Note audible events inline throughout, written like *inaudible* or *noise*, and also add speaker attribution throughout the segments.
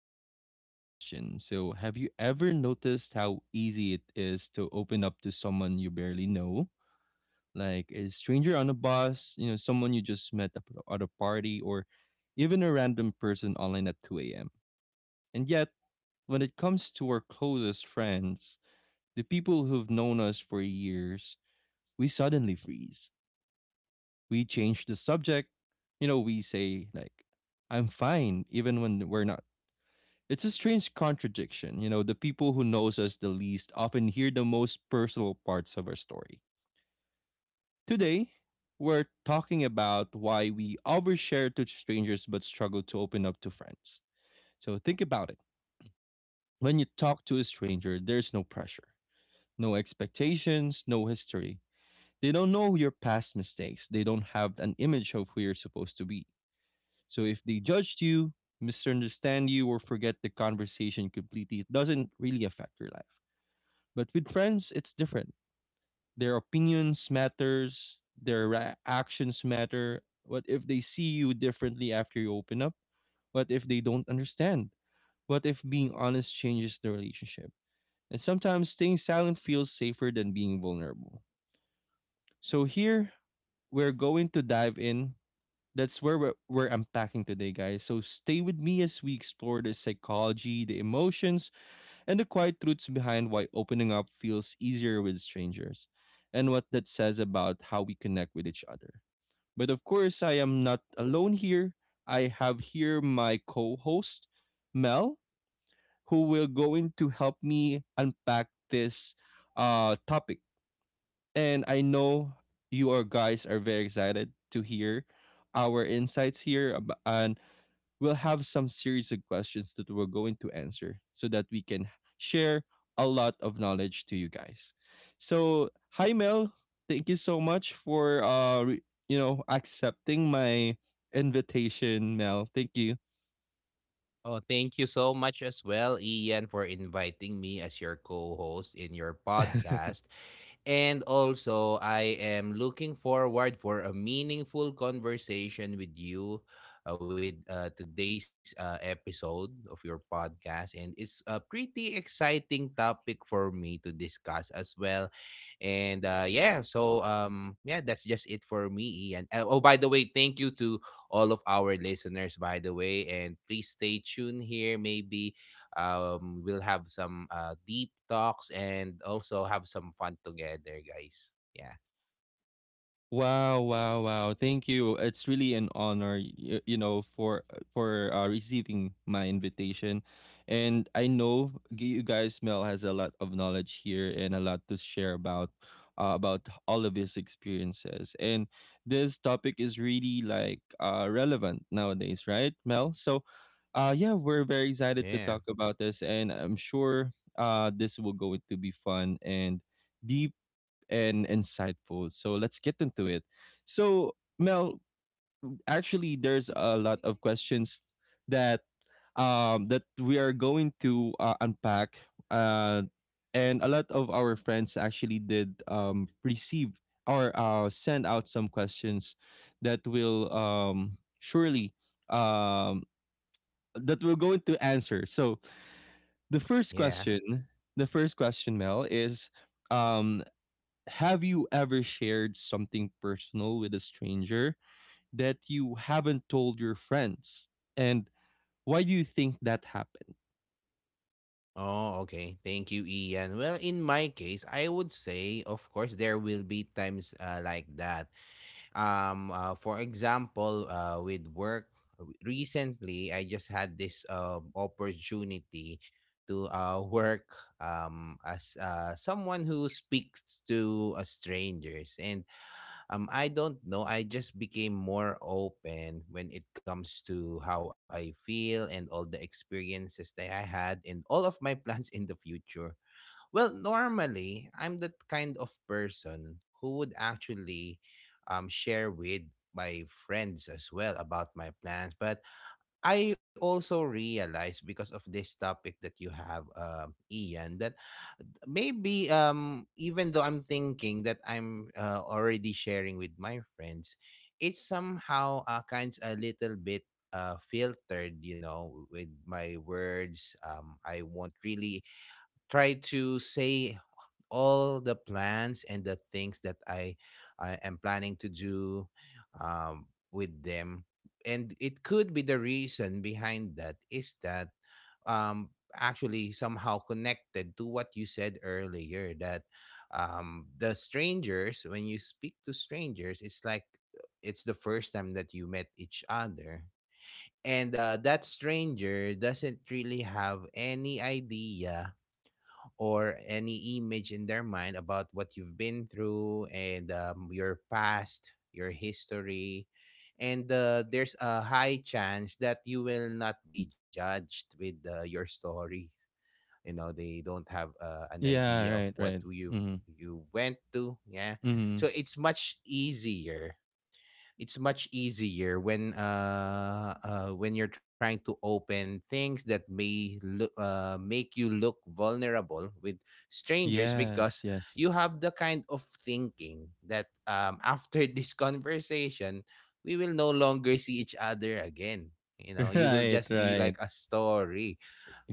Speaker 1: So, I have a question. So, have you ever noticed how easy it is to open up to someone you barely know? Like a stranger on a bus, you know, someone you just met at a party, or even a random person online at 2 a.m. And yet, when it comes to our closest friends, the people who've known us for years, we suddenly freeze. We change the subject. You know, we say, like, I'm fine, even when we're not. It's a strange contradiction. You know, the people who knows us the least often hear the most personal parts of our story. Today, we're talking about why we overshare to strangers but struggle to open up to friends. So think about it. When you talk to a stranger, there's no pressure, no expectations, no history. They don't know your past mistakes. They don't have an image of who you're supposed to be. So if they judged you, misunderstand you, or forget the conversation completely, it doesn't really affect your life. But with friends, it's different. Their opinions matters, actions matter. What if they see you differently after you open up? What if they don't understand? What if being honest changes the relationship? And sometimes staying silent feels safer than being vulnerable. So here we're going to dive in. That's where we're unpacking today, guys. So stay with me as we explore the psychology, the emotions, and the quiet truths behind why opening up feels easier with strangers, and what that says about how we connect with each other. But of course, I am not alone here. I have here my co host, Mel, who will go in to help me unpack this topic. And I know you are guys are very excited to hear our insights here, and we'll have some series of questions that we're going to answer so that we can share a lot of knowledge to you guys. So, hi Mel, thank you so much for accepting my invitation, Mel. Thank you.
Speaker 2: Oh, thank you so much as well, Ian, for inviting me as your co-host in your podcast. And also, I am looking forward for a meaningful conversation with you with today's episode of your podcast. And it's a pretty exciting topic for me to discuss as well. And yeah, so yeah, that's just it for me, Ian. Oh, by the way, thank you to all of our listeners, by the way. And please stay tuned here. Maybe we'll have some deep talks and also have some fun together, guys. Yeah.
Speaker 1: Wow, wow, wow. Thank you. It's really an honor, you know, for receiving my invitation. And I know you guys Mel has a lot of knowledge here and a lot to share about all of his experiences. And this topic is really like relevant nowadays, right, Mel? So, yeah, we're very
Speaker 2: Yeah.
Speaker 1: excited to talk about this and I'm sure this will go to be fun and deep and insightful. So let's get into it. So Mel, actually, there's a lot of questions that we are going to unpack. Uh, and a lot of our friends actually did receive or send out some questions that will surely um that we're going to answer. So the first
Speaker 2: Yeah.
Speaker 1: question, the first question, Mel, is um have you ever shared something personal with a stranger that you haven't told your friends? And why do you think that happened?
Speaker 2: Oh, okay. Thank you, Ian. Well, in my case, I would say, of course, there will be times like that. For example, with work, recently I just had this opportunity to work, as someone who speaks to strangers, and I don't know. I just became more open when it comes to how I feel and all the experiences that I had, and all of my *laughs* plans in the future. Well, normally, I'm that kind of person who would actually share with my friends as well about my plans. But I also realized because of this topic that you have, Ian, that maybe even though I'm thinking that I'm already sharing with my friends, it's somehow kind a little bit filtered, you know, with my words. I won't really try to say all the plans and the things that I am planning to do um, with them. And it could be the reason behind that is that um, actually somehow connected to what you said earlier that the strangers, when you speak to strangers, it's like it's the first time that you met each other. And that stranger doesn't really have any idea or any image in their mind about what you've been through and your past, your history. And there's a high chance that you will not be judged with your story. You know, they don't have an
Speaker 1: Yeah,
Speaker 2: idea of
Speaker 1: right,
Speaker 2: what
Speaker 1: right.
Speaker 2: you've
Speaker 1: Mhm.
Speaker 2: you went to. Yeah,
Speaker 1: Mhm.
Speaker 2: so it's much easier when you're trying to open things that may look make you look vulnerable with strangers,
Speaker 1: Yes,
Speaker 2: because
Speaker 1: yes.
Speaker 2: you have the kind of thinking that after *laughs* this conversation we will no longer see each other again. You
Speaker 1: *laughs*
Speaker 2: know, you will
Speaker 1: Right,
Speaker 2: just be
Speaker 1: right.
Speaker 2: like a story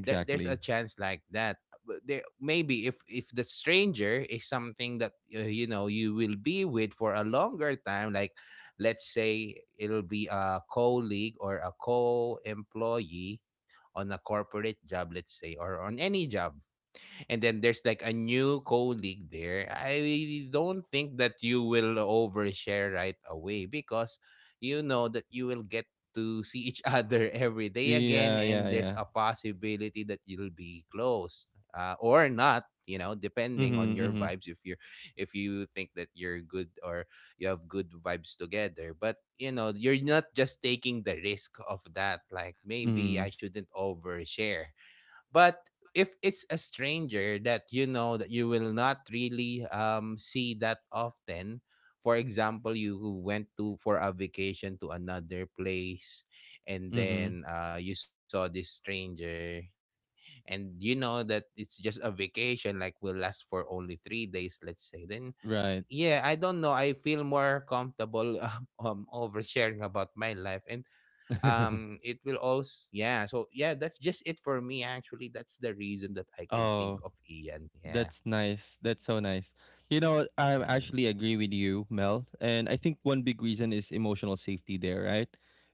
Speaker 2: There's a chance like that. But there, maybe if the stranger is something that, you know, you will be with for a longer time, like let's say it'll be a colleague or a co-employee on a corporate job, let's say, or on any job, and then there's like a new colleague there, I don't think that you will overshare right away because you know that you will get to see each other *laughs* every day again,
Speaker 1: Yeah,
Speaker 2: and
Speaker 1: yeah,
Speaker 2: there's a
Speaker 1: yeah.
Speaker 2: possibility that you'll be close or not, you know, depending
Speaker 1: Mhm,
Speaker 2: on your
Speaker 1: mhm.
Speaker 2: vibes. If you're if you think that you're good or you have good vibes together, but you know you're not, just taking the risk of that, like maybe
Speaker 1: Mhm.
Speaker 2: I shouldn't overshare. But if it's a stranger that you know that you will not really see that often, for example, you went to for a vacation to another place and
Speaker 1: Mhm.
Speaker 2: then you saw this stranger and you know that it's just a vacation like will last for only 3 days, let's say, then
Speaker 1: Right.
Speaker 2: yeah, I don't know, I feel more comfortable *laughs* oversharing about my life, and
Speaker 1: *laughs*
Speaker 2: it will also, yeah. So yeah, that's just it for me. Actually, that's the reason that I can think
Speaker 1: Oh.
Speaker 2: of, Ian. Yeah.
Speaker 1: That's nice. That's so nice. You know, I
Speaker 2: Mm.
Speaker 1: actually agree with you, Mel. And I think one big reason is emotional safety there, right?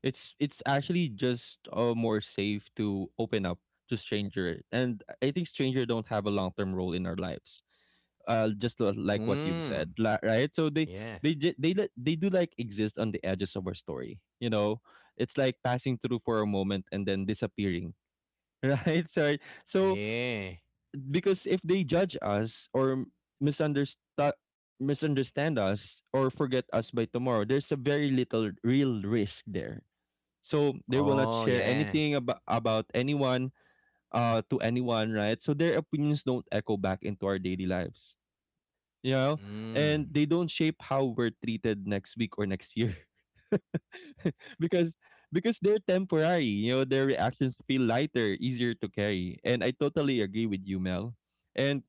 Speaker 1: It's actually just more safe to open up to stranger. And I think stranger don't have a long-term role in our lives. Just like what you've said,
Speaker 2: Mm.
Speaker 1: li- right? So they
Speaker 2: Yeah,
Speaker 1: they ju- they li- they do like exist on the edges of our story, you know? It's like passing through for a moment and then disappearing, *laughs* right? Sorry. So
Speaker 2: yeah.
Speaker 1: because if they judge us or misunderstand misunderstand us or forget us by tomorrow, there's a very little real risk there. So they will not
Speaker 2: Oh
Speaker 1: share
Speaker 2: yeah.
Speaker 1: anything about anyone to anyone, right? So their opinions don't echo back into our daily lives, you know, and
Speaker 2: Mm.
Speaker 1: they don't shape how we're treated next week or next year. *laughs* because because they're temporary, you know, their reactions feel lighter, easier to carry, and I totally agree with you, Mel. And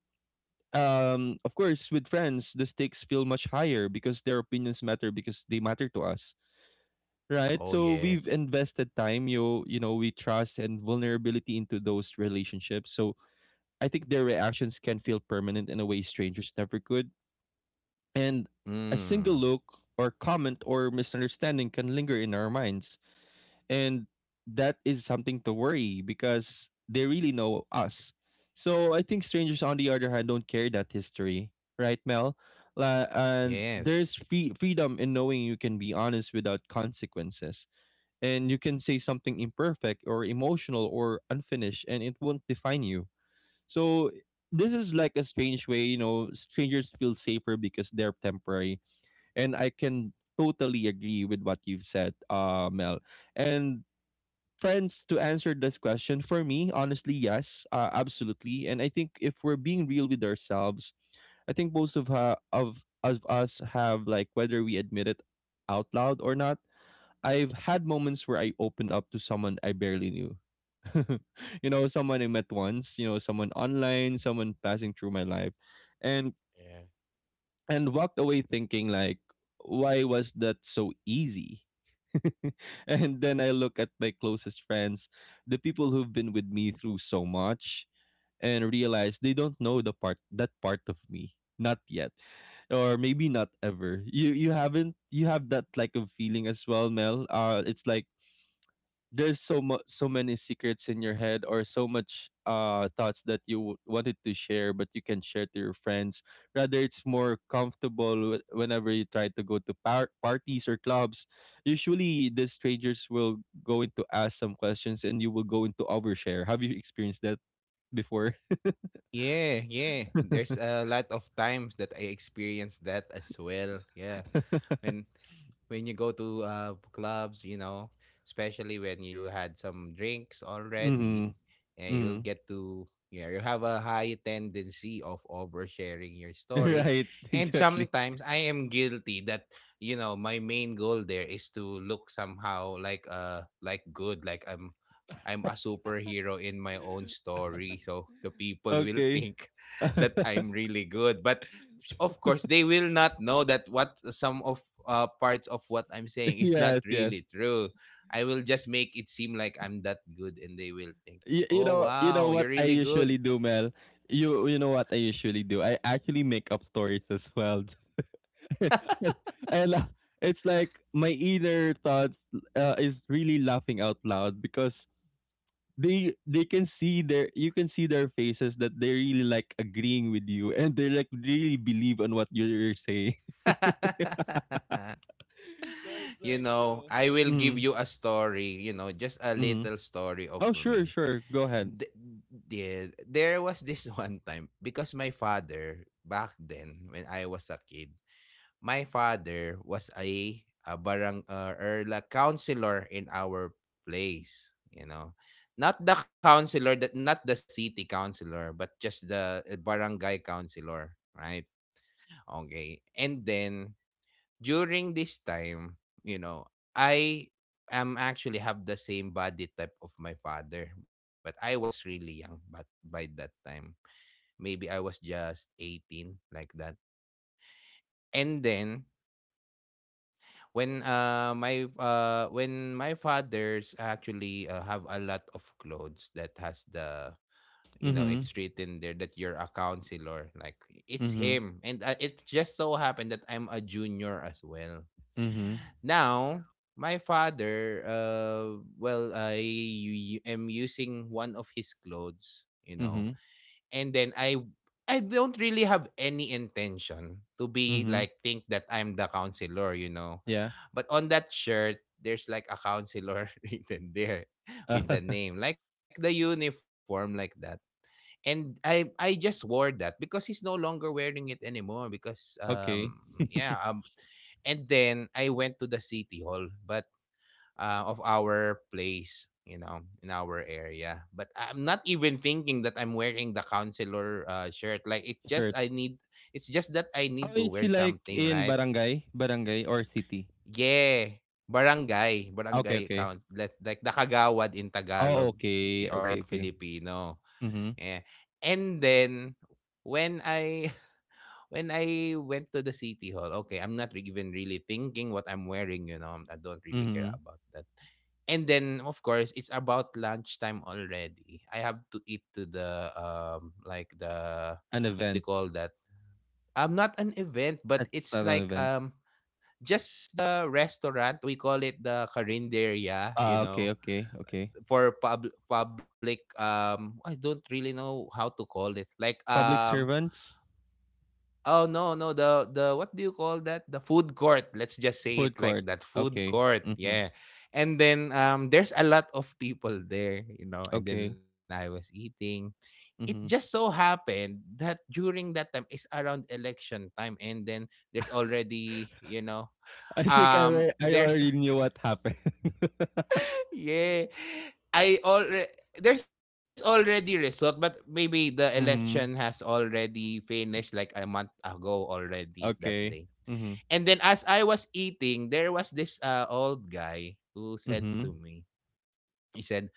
Speaker 1: of course, with friends the stakes feel much higher because their opinions matter because they matter to us, right?
Speaker 2: Oh
Speaker 1: So we've
Speaker 2: yeah.
Speaker 1: invested time you know we trust and vulnerability into those relationships. So I think their reactions can feel permanent in a way strangers never could. And a single
Speaker 2: Mm.
Speaker 1: look or comment or misunderstanding can linger in our minds, and that is something to worry because they really know us. So I think strangers, on the other hand, don't carry that history, right, Mel? And there's
Speaker 2: Yes.
Speaker 1: freedom in knowing you can be honest without consequences, and you can say something imperfect or emotional or unfinished, and it won't define you. So this is like a strange way, you know. Strangers feel safer because they're temporary, and I can totally agree with what you've said, Mel. And friends, to answer this question for me honestly, yes, absolutely. And I think if we're being real with ourselves, I think most of ha- of us have, like, whether we admit it out loud or not, I've had moments where I opened up to someone I barely knew. *laughs* You know, someone I met once, you know, someone online, someone passing through my life, and
Speaker 2: Yeah.
Speaker 1: and walked away thinking, like, why was that so easy? *laughs* And then I look at my closest friends, the people who've been with me through so much, and realize they don't know the part that part of me. Not yet. Or maybe not ever. You haven't you have that like of feeling as well, Mel. Uh, it's like there's so much, so many secrets in your head, or so much thoughts that you wanted to share but you can share to your friends, rather it's more comfortable whenever you try to go to parties or clubs. Usually the strangers will go into ask some questions and you will go into overshare. Have you experienced that before?
Speaker 2: Yeah, yeah. There's
Speaker 1: *laughs*
Speaker 2: a lot of times that I experienced that as well. Yeah. When when you go to clubs, you know, especially when you had some drinks already,
Speaker 1: Mm-hmm.
Speaker 2: and you'll
Speaker 1: Mm-hmm.
Speaker 2: get to yeah, you have a high tendency of oversharing your
Speaker 1: *laughs*
Speaker 2: story.
Speaker 1: Right,
Speaker 2: And
Speaker 1: exactly.
Speaker 2: sometimes I am guilty that, you know, my main goal there is to look somehow like good, like I'm a superhero in my own story.
Speaker 1: *laughs*
Speaker 2: So the people will
Speaker 1: Okay.
Speaker 2: think *laughs* that I'm
Speaker 1: *laughs*
Speaker 2: really good. But of course, they will not know that what some of parts of what I'm saying is not
Speaker 1: Yes, yes.
Speaker 2: really true. I will just make it seem like I'm that good and they will think, oh, wow,
Speaker 1: You
Speaker 2: you're
Speaker 1: know what
Speaker 2: really
Speaker 1: I
Speaker 2: good.
Speaker 1: usually do, Mel. You know what I usually do. I actually make up stories as well. *laughs* and, and it's like my inner thoughts is really laughing out loud because they can see their you can see their faces that they really like agreeing with you and they like really believe on what you're saying.
Speaker 2: *laughs*
Speaker 1: *laughs* So it's
Speaker 2: You
Speaker 1: like, you
Speaker 2: know,
Speaker 1: know.
Speaker 2: I will give
Speaker 1: Mm,
Speaker 2: you a story, you know, just a
Speaker 1: mm-hmm.
Speaker 2: little story of
Speaker 1: Oh, sure,
Speaker 2: me.
Speaker 1: sure, go ahead.
Speaker 2: th- there was this *laughs* one time. Because my father back then when I was a kid, my father was a barang or la counselor in our place, you know. Not the counselor that not the city counselor, but just the barangay counselor, right? Okay. And then during this time, you know, I am actually have the same body type of my father, but I was really young but by that time. Maybe I was just 18 like that. And then when my when my father's actually have a lot of clothes that has the you know
Speaker 1: Mm-hmm.
Speaker 2: it's written there that you're a counselor, like it's
Speaker 1: Mm-hmm.
Speaker 2: him. And it just so happened that I'm a junior as well.
Speaker 1: Mm-hmm.
Speaker 2: Now, my father, well, am using one of his clothes, you know,
Speaker 1: Mm-hmm.
Speaker 2: and then I don't really have any intention to be
Speaker 1: Mm-hmm.
Speaker 2: like think that I'm the counselor, you know,
Speaker 1: Yeah.
Speaker 2: but on that shirt there's like a counselor *laughs* written there with the
Speaker 1: *laughs*
Speaker 2: name, like the uniform, like that. And I just wore that because he's no longer wearing it anymore, because
Speaker 1: Okay.
Speaker 2: yeah.
Speaker 1: *laughs*
Speaker 2: And then I went to the city hall. But of our place, you know, in our area. But I'm not even thinking that I'm wearing the counselor shirt. Like it
Speaker 1: Sure.
Speaker 2: just I need it's just that I
Speaker 1: Oh,
Speaker 2: need to
Speaker 1: is he
Speaker 2: wear
Speaker 1: like
Speaker 2: something,
Speaker 1: in
Speaker 2: right?
Speaker 1: barangay? Barangay or city?
Speaker 2: Yeah. Barangay,
Speaker 1: Okay,
Speaker 2: barangay
Speaker 1: okay.
Speaker 2: counts like the kagawad in
Speaker 1: Oh,
Speaker 2: Tagalog eh,
Speaker 1: okay.
Speaker 2: or
Speaker 1: Okay,
Speaker 2: in
Speaker 1: okay.
Speaker 2: Filipino.
Speaker 1: Mhm,
Speaker 2: Yeah. And then when I when I went to the city hall, okay, I'm not even really thinking what I'm wearing, you know. I don't really care
Speaker 1: mhm.
Speaker 2: about that. And then of course, it's about lunchtime already. I have to eat to the like the
Speaker 1: An
Speaker 2: they
Speaker 1: event.
Speaker 2: call that not an event, but
Speaker 1: That's
Speaker 2: it's
Speaker 1: not an
Speaker 2: like
Speaker 1: event.
Speaker 2: just the restaurant. We call it the Carinderia,
Speaker 1: Ah,
Speaker 2: you
Speaker 1: okay,
Speaker 2: know,
Speaker 1: okay, okay.
Speaker 2: for public I don't really know how to call it. Like
Speaker 1: Public
Speaker 2: um.
Speaker 1: servants?
Speaker 2: Oh no, no, the what do you call that? The food court. Let's just say it
Speaker 1: Food
Speaker 2: like
Speaker 1: court.
Speaker 2: that. Food
Speaker 1: Okay.
Speaker 2: court.
Speaker 1: Mhm.
Speaker 2: Yeah. And then there's a lot of people there, you know,
Speaker 1: Okay.
Speaker 2: and then I was eating. It
Speaker 1: Mhm.
Speaker 2: just so happened that during that time is around election time, and then there's already, you know,
Speaker 1: *laughs* I think I
Speaker 2: there's
Speaker 1: already knew what happened. *laughs*
Speaker 2: *laughs* yeah. I already There's already result, but maybe the election
Speaker 1: Mm.
Speaker 2: has
Speaker 1: Mhm.
Speaker 2: already finished like a month ago already that day.
Speaker 1: Okay. Mhm.
Speaker 2: And then as I was eating, there was this old guy who said
Speaker 1: Mhm.
Speaker 2: to me, he said,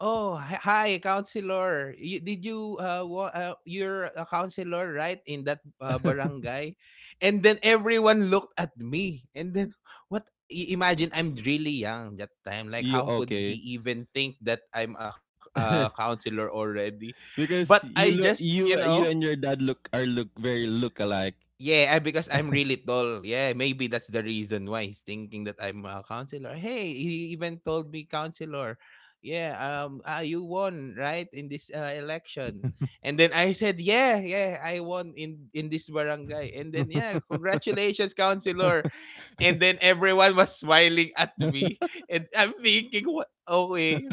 Speaker 2: "Oh, hi, counselor. You, did you you're a counselor, right, in that
Speaker 1: *laughs*
Speaker 2: barangay?" And then everyone looked at me. And then what imagine I'm really young that time. Like
Speaker 1: You
Speaker 2: how could
Speaker 1: okay.
Speaker 2: he even think that I'm a
Speaker 1: *laughs*
Speaker 2: counselor already?
Speaker 1: Because
Speaker 2: But I
Speaker 1: you look
Speaker 2: just, you
Speaker 1: you
Speaker 2: know,
Speaker 1: you and your dad look very look alike.
Speaker 2: yeah, I because I'm really tall. Yeah, maybe that's the reason why he's thinking that I'm a counselor. Hey, he even told me counselor. Yeah, you won right in this election, and then I said, yeah, yeah, I won in this barangay, and then yeah,
Speaker 1: *laughs*
Speaker 2: congratulations, counselor, and then everyone was smiling at me, and I'm thinking, what? Okay,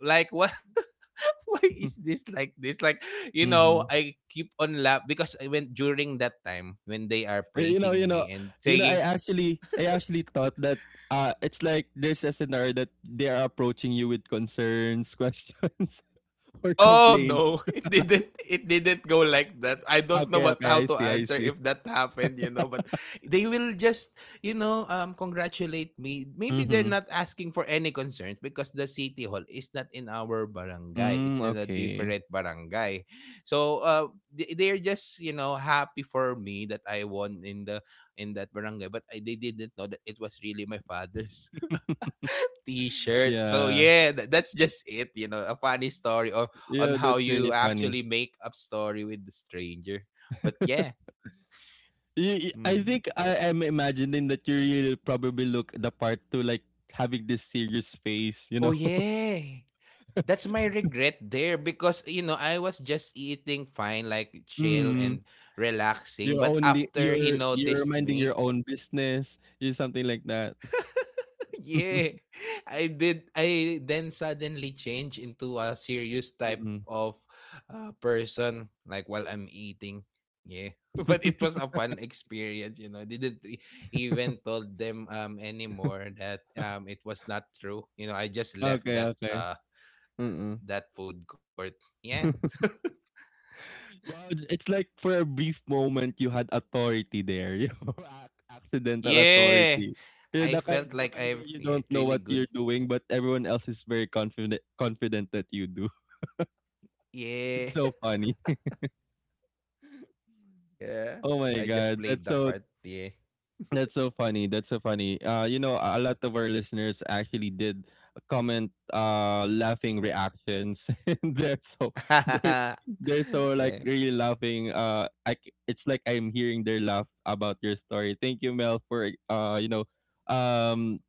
Speaker 2: like what? *laughs* *laughs* Why is this? Like, you know,
Speaker 1: Hmm.
Speaker 2: I keep on laugh because I went during that time when they are
Speaker 1: You know, you
Speaker 2: praising
Speaker 1: know,
Speaker 2: me and
Speaker 1: you know.
Speaker 2: saying,
Speaker 1: I actually thought that it's like there's a scenario that they are approaching you with concerns, *laughs* questions, *laughs* or
Speaker 2: oh
Speaker 1: complaints.
Speaker 2: no, *laughs* it didn't go like that. I don't know
Speaker 1: Okay,
Speaker 2: what
Speaker 1: okay,
Speaker 2: how
Speaker 1: I
Speaker 2: to
Speaker 1: see, I
Speaker 2: answer
Speaker 1: see.
Speaker 2: if that happened, you know, but they will just, you know, congratulate me. Maybe they're
Speaker 1: Mm-hmm.
Speaker 2: not asking for any concerns because the city hall is not in our barangay.
Speaker 1: Mm,
Speaker 2: It's in a
Speaker 1: okay.
Speaker 2: different barangay. So, they're just, you know, happy for me that I won in the in that barangay, but they didn't know that it was really my father's
Speaker 1: *laughs*
Speaker 2: t-shirt. So
Speaker 1: Yeah,
Speaker 2: yeah, that's just it, you know, a funny story of on
Speaker 1: yeah,
Speaker 2: how
Speaker 1: that's really
Speaker 2: you
Speaker 1: funny.
Speaker 2: actually make up story with the stranger. But yeah.
Speaker 1: You- I
Speaker 2: Mm.
Speaker 1: think I am imagining that you really probably look the part to like having this serious face, you
Speaker 2: Oh
Speaker 1: know. *laughs*
Speaker 2: yeah. That's my regret there because you know, I was just eating fine like chill and
Speaker 1: Mm,
Speaker 2: relaxing,
Speaker 1: you're
Speaker 2: but
Speaker 1: only
Speaker 2: after he
Speaker 1: you're
Speaker 2: noticed
Speaker 1: minding your
Speaker 2: me,
Speaker 1: own business, you something like that.
Speaker 2: *laughs* yeah.
Speaker 1: *laughs*
Speaker 2: I then suddenly change into a serious type
Speaker 1: Mm-mm.
Speaker 2: of person like while I'm eating. Yeah. *laughs* But it was a fun experience, you know. I didn't e- even told them anymore that it was not true, you know. I just left
Speaker 1: Okay,
Speaker 2: that
Speaker 1: okay. Mm-mm.
Speaker 2: that food court. Yeah.
Speaker 1: *laughs* Well, it's like for a brief moment you had authority there, you know, *laughs* ac- accidental
Speaker 2: Yeah,
Speaker 1: authority. You're
Speaker 2: I felt
Speaker 1: the
Speaker 2: like
Speaker 1: kind
Speaker 2: I'm,
Speaker 1: where you
Speaker 2: yeah,
Speaker 1: don't know
Speaker 2: really
Speaker 1: what
Speaker 2: good.
Speaker 1: you're doing, but everyone else is very confident that you do.
Speaker 2: Yeah.
Speaker 1: *laughs* It's so funny. *laughs*
Speaker 2: *laughs* Yeah,
Speaker 1: Oh my
Speaker 2: I just
Speaker 1: god,
Speaker 2: played
Speaker 1: that's
Speaker 2: the
Speaker 1: so.
Speaker 2: part. Yeah.
Speaker 1: That's so funny. That's so funny. You know, a lot of our listeners actually did comment laughing reactions. *laughs* And they're so *laughs* they're,
Speaker 2: *laughs*
Speaker 1: they're so like
Speaker 2: Yeah.
Speaker 1: really laughing. It's like I'm hearing their laugh about your story. Thank you, Mel, for you know, um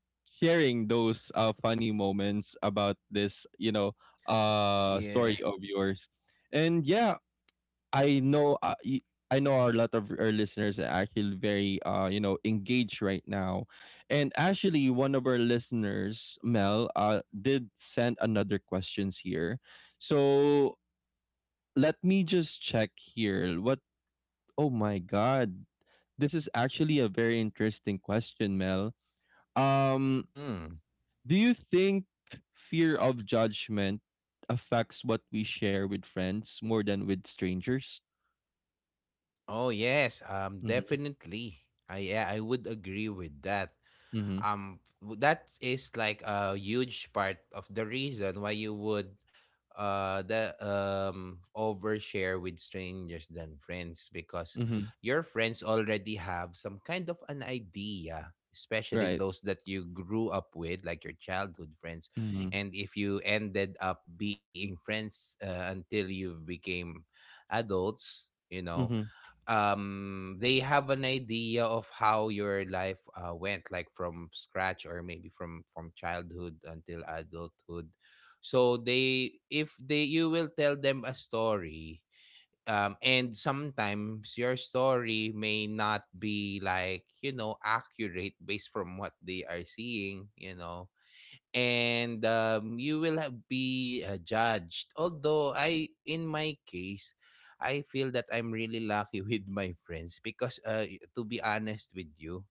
Speaker 1: sharing those funny moments about this, you know,
Speaker 2: Yeah.
Speaker 1: story of yours. And yeah, I know I know a lot of our listeners are actually very you know engaged right now, and actually one of our listeners Mel did send another questions here, so let me just check here. What? Oh my God, this is actually a very interesting question, Mel. Um,
Speaker 2: Mm.
Speaker 1: do you think fear of judgment affects what we share with friends more than with strangers?
Speaker 2: Oh yes,
Speaker 1: Mm-hmm.
Speaker 2: definitely. I, yeah, I would agree with that.
Speaker 1: Mm-hmm.
Speaker 2: That is like a huge part of the reason why you would the overshare with strangers than friends, because your friends already have some kind of an idea,
Speaker 1: Right.
Speaker 2: especially those that you grew up with like your childhood friends.
Speaker 1: Mhm.
Speaker 2: And if you ended up being friends until you became adults, you know,
Speaker 1: Mhm.
Speaker 2: they have an idea of how your life went, like from scratch, or maybe from childhood until adulthood. So they, if they, you will tell them a story, and sometimes your story may not be, like, you know, accurate based from what they are seeing, you know. And you will have be, judged. Although I, in my case, I feel that I'm really lucky *laughs* with my friends because, y- to be honest with you,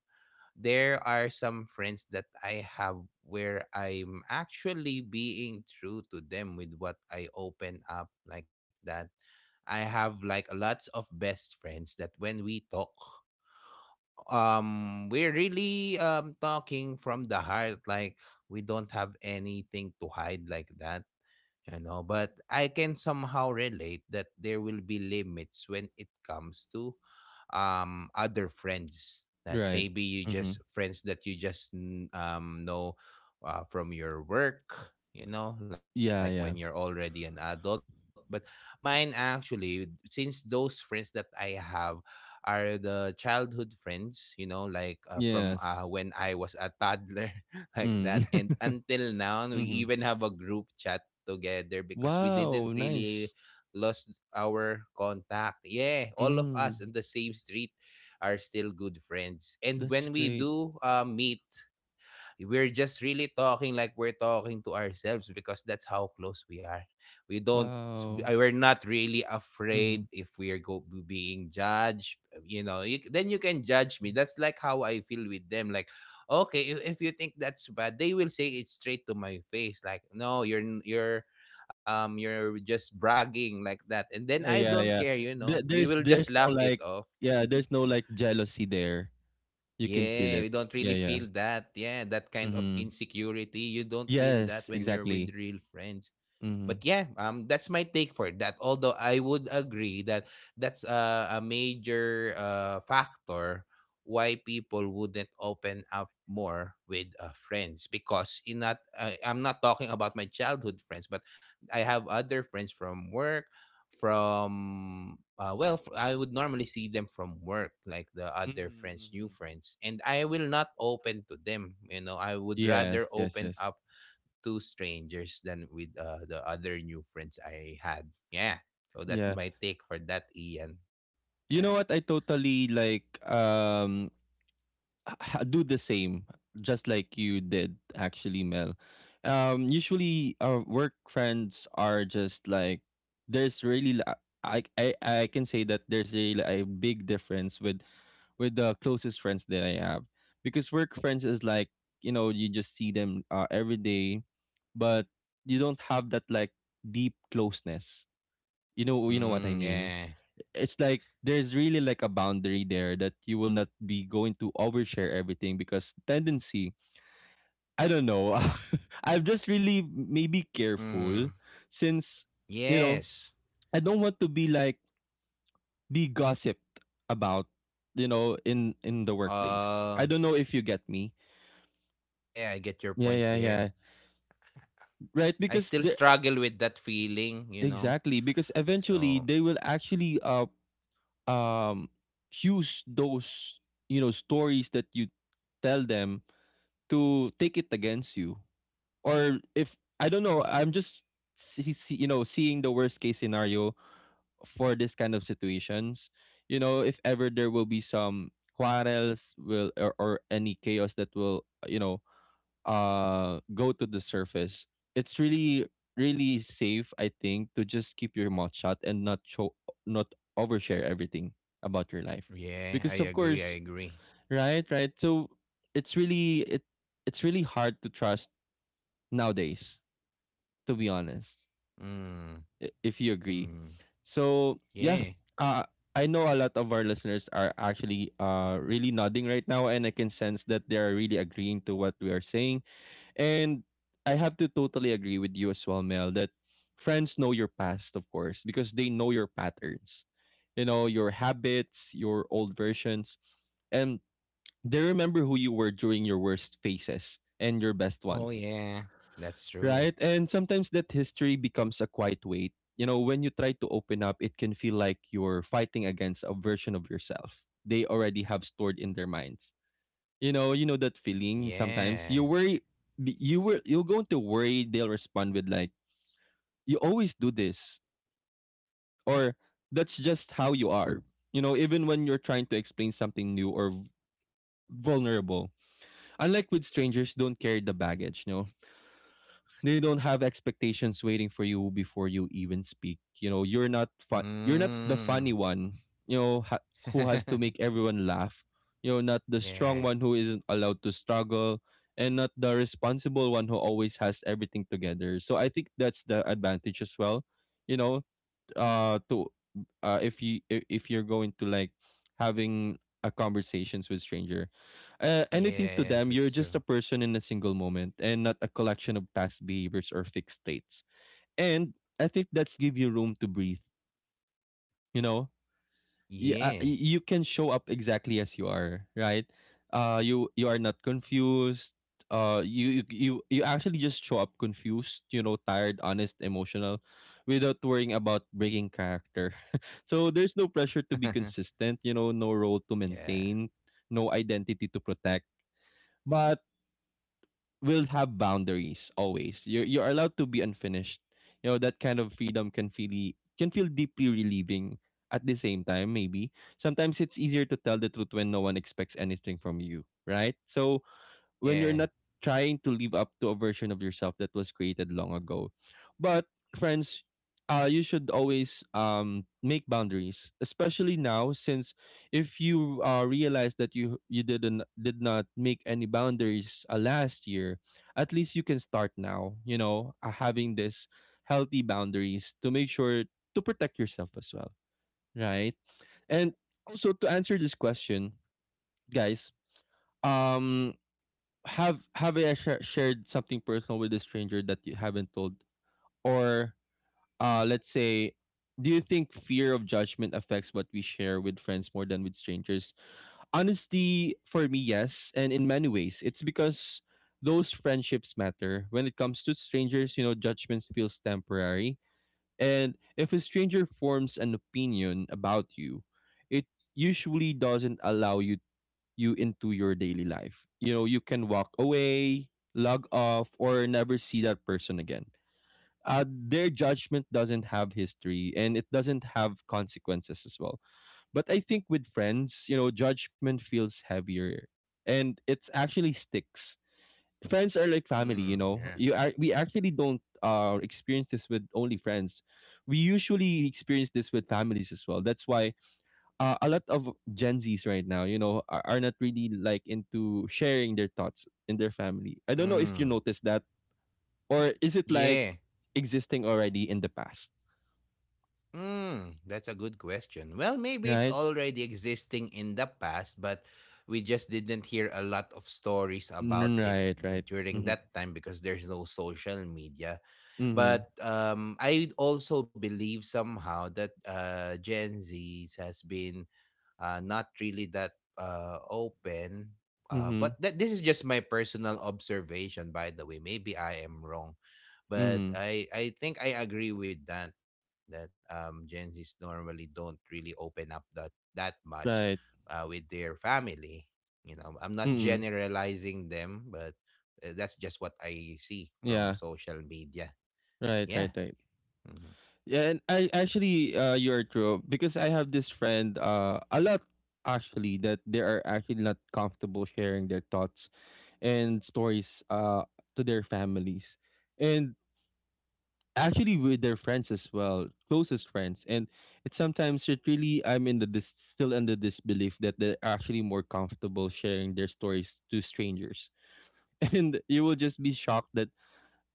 Speaker 2: there are some friends that I have where I'm actually being true to them with what I open up like that. I have like lots of best friends that when we talk. Um, we're really talking from the heart, like we don't have anything to hide like that, you know. But I can somehow relate that there will be limits when it comes to other friends that
Speaker 1: Right.
Speaker 2: maybe you
Speaker 1: Mhm.
Speaker 2: just friends that you just know from your work, you know, like when
Speaker 1: Yeah,
Speaker 2: you're
Speaker 1: yeah.
Speaker 2: already an adult. But mine actually, since those friends that I have are the childhood friends, you know, like from,
Speaker 1: Yes.
Speaker 2: when I was a toddler *laughs* like that,
Speaker 1: Mm.
Speaker 2: and
Speaker 1: *laughs*
Speaker 2: until now we even
Speaker 1: Mhm.
Speaker 2: have a group chat together because we didn't
Speaker 1: Wow,
Speaker 2: really
Speaker 1: nice.
Speaker 2: lost our contact. Yeah, all of us in the
Speaker 1: Mm,
Speaker 2: same street are still good friends. And
Speaker 1: that's
Speaker 2: when we
Speaker 1: great.
Speaker 2: do, meet, we're just really talking like we're talking to ourselves because that's how close we are. We don't—
Speaker 1: Wow.
Speaker 2: I- we're not really afraid
Speaker 1: Mhm.
Speaker 2: if we're go being judged. Uh, you know, you, then you can judge me. That's like how I feel with them. Like, okay, if you think that's bad, they will say it straight to my face like, no, you're n- you're just bragging like that. And then I don't
Speaker 1: Yeah, yeah.
Speaker 2: care, you know,
Speaker 1: There,
Speaker 2: we
Speaker 1: there's
Speaker 2: will just
Speaker 1: there's
Speaker 2: laugh it off.
Speaker 1: yeah, there's no like jealousy there. You can feel
Speaker 2: Yeah,
Speaker 1: it.
Speaker 2: we don't
Speaker 1: Yeah,
Speaker 2: really
Speaker 1: yeah.
Speaker 2: feel that. Yeah, that kind of
Speaker 1: Mhm.
Speaker 2: insecurity. You don't feel
Speaker 1: Yes,
Speaker 2: that when you're
Speaker 1: exactly.
Speaker 2: with real friends.
Speaker 1: Mhm.
Speaker 2: But yeah, that's my take for that. Although I would agree that that's a major factor why people wouldn't open up more with friends. Because in not I'm not talking about my childhood friends, but I have other friends from work, from, well, f- I would normally see them from work, like the
Speaker 1: Mhm.
Speaker 2: other friends, new
Speaker 1: Mhm.
Speaker 2: friends, and I will not open to them. You know, I would rather
Speaker 1: Yes, yes,
Speaker 2: open
Speaker 1: yes.
Speaker 2: up to strangers than with, the other new friends I had. Yeah. So that's
Speaker 1: Yeah.
Speaker 2: my take for that, Ian.
Speaker 1: You
Speaker 2: Yeah.
Speaker 1: know what? I totally like do the same, just like you did actually, Mel. Usually our work friends are just like there's really li- I can say that there's really a big difference with the closest friends that I have, because work friends is like, you know, you just see them every day, but you don't have that like deep closeness. You know, you know what I
Speaker 2: Mm,
Speaker 1: mean?
Speaker 2: yeah.
Speaker 1: It's like there's really like a boundary there that you will not be going to overshare everything because tendency, I don't know, *laughs* I'm just really maybe careful
Speaker 2: Mm,
Speaker 1: since, you know,
Speaker 2: yes.
Speaker 1: I don't want to be like be gossiped about, you know, in the workplace.
Speaker 2: Uh,
Speaker 1: I don't know if you get me.
Speaker 2: yeah, I get your
Speaker 1: Yeah,
Speaker 2: point
Speaker 1: yeah,
Speaker 2: there.
Speaker 1: yeah. Right,
Speaker 2: I
Speaker 1: because
Speaker 2: still
Speaker 1: the...
Speaker 2: struggle with that feeling, you know.
Speaker 1: Exactly because eventually
Speaker 2: So,
Speaker 1: they will actually um use those, you know, stories that you tell them to take it against you, or if, I don't know, I'm just you know, seeing the worst case scenario for this kind of situations. You know, if ever there will be some quarrels will or any chaos that will, you know, go to the surface, it's really, really safe, I think, to just keep your mouth shut and not overshare everything about your life,
Speaker 2: yeah, I
Speaker 1: because of
Speaker 2: agree.
Speaker 1: course.
Speaker 2: I agree.
Speaker 1: Right, right. So it's really it it's really hard to trust nowadays, to be honest,
Speaker 2: Mm,
Speaker 1: if you
Speaker 2: mm,
Speaker 1: agree. So
Speaker 2: yeah.
Speaker 1: yeah, uh, I know a lot of our listeners are actually really nodding right now, and I can sense that they are really agreeing to what we are saying. And I have to totally agree with you as well, Mel, that friends know your past, of course, because they know your patterns, you know, your habits, your old versions, and they remember who you were during your worst phases and your best
Speaker 2: Oh,
Speaker 1: ones,
Speaker 2: yeah. That's true.
Speaker 1: right? And sometimes that history becomes a quiet weight. You know, when you try to open up, it can feel like you're fighting against a version of yourself they already have stored in their minds. You know that feeling, sometimes you
Speaker 2: Yeah.
Speaker 1: worry, you're going to worry they'll respond with like, "You always do this," or, "That's just how you are." You know, even when you're trying to explain something new or vulnerable, unlike with strangers, don't carry the baggage. No, they don't have expectations waiting for you before you even speak. You know, you're not the funny
Speaker 2: Mm.
Speaker 1: one, you know, who has to make
Speaker 2: *laughs*
Speaker 1: everyone laugh. You're not the strong
Speaker 2: Yeah.
Speaker 1: one who isn't allowed to struggle, and not the responsible one who always has everything together. So I think that's the advantage as well. You know, to if you're going to like having a conversations with stranger, anything to
Speaker 2: Yeah.
Speaker 1: them, you're
Speaker 2: That's
Speaker 1: just
Speaker 2: true.
Speaker 1: a person in a single moment and not a collection of past behaviors or fixed states, and I think that's give you room to breathe, you know. Yeah,
Speaker 2: Yeah.
Speaker 1: you can show up exactly as you are, right? You are not confused. Uh, you you you you actually just show up confused, you know, tired, honest, emotional, without worrying about breaking character. *laughs* So there's no pressure to be
Speaker 2: *laughs*
Speaker 1: consistent, you know, no role to
Speaker 2: Yeah.
Speaker 1: maintain, no identity to protect. But will have boundaries always. You're allowed to be unfinished. You know, that kind of freedom can feel deeply relieving. At the same time, maybe sometimes it's easier to tell the truth when no one expects anything from you, right? So when you're
Speaker 2: Yeah.
Speaker 1: not trying to live up to a version of yourself that was created long ago. But friends, you should always make boundaries, especially now, since if you realize that you did not make any boundaries last year, at least you can start now. You know, having this healthy boundaries to make sure to protect yourself as well, right? And also, to answer this question, guys. Um, have you shared something personal with a stranger that you haven't told, or let's say, do you think fear of judgment affects what we share with friends more than with strangers? Honestly, for me, yes. And in many ways, it's because those friendships matter. When it comes to strangers, you know, judgments feels temporary, and if a stranger forms an opinion about you, it usually doesn't allow you into your daily life. You know, you can walk away, log off, or never see that person again. Their judgment doesn't have history, and it doesn't have consequences as well. But I think with friends, you know, judgment feels heavier, and it's actually sticks. Friends are like family, you
Speaker 2: Mm,
Speaker 1: know.
Speaker 2: yeah.
Speaker 1: We actually don't experience this with only friends. We usually experience this with families as well. That's why a lot of Gen Zs right now, you know, are not really like into sharing their thoughts in their family. I don't know if you
Speaker 2: Mm,
Speaker 1: noticed that, or is it like
Speaker 2: yeah.
Speaker 1: existing already in the past,
Speaker 2: Mm, that's a good question. Well, maybe it's
Speaker 1: right?
Speaker 2: already existing in the past, but we just didn't hear a lot of stories about
Speaker 1: Mm.
Speaker 2: it
Speaker 1: Right, right.
Speaker 2: during
Speaker 1: Mm-hmm.
Speaker 2: that time because there's no social media.
Speaker 1: Mm-hmm.
Speaker 2: But I also believe somehow that Gen Z has been, not really that, open. But
Speaker 1: Mm-hmm.
Speaker 2: that this is just my personal observation, by the way. Maybe I am wrong, but
Speaker 1: Mm-hmm.
Speaker 2: I think I agree with that. That Gen Zs normally don't really open up that much
Speaker 1: Right.
Speaker 2: with their family. You know, I'm not
Speaker 1: Mm-hmm.
Speaker 2: generalizing them, but that's just what I see from
Speaker 1: Yeah.
Speaker 2: social media.
Speaker 1: Right, right,
Speaker 2: Yeah.
Speaker 1: right.
Speaker 2: Mhm.
Speaker 1: Yeah, and I actually, you're true, because I have this friend, a lot actually, that they are actually not comfortable sharing their thoughts and stories to their families, and actually with their friends as well, closest friends. And it's sometimes it really, I'm in the still under this belief that they're actually more comfortable sharing their stories to strangers. *laughs* And you will just be shocked that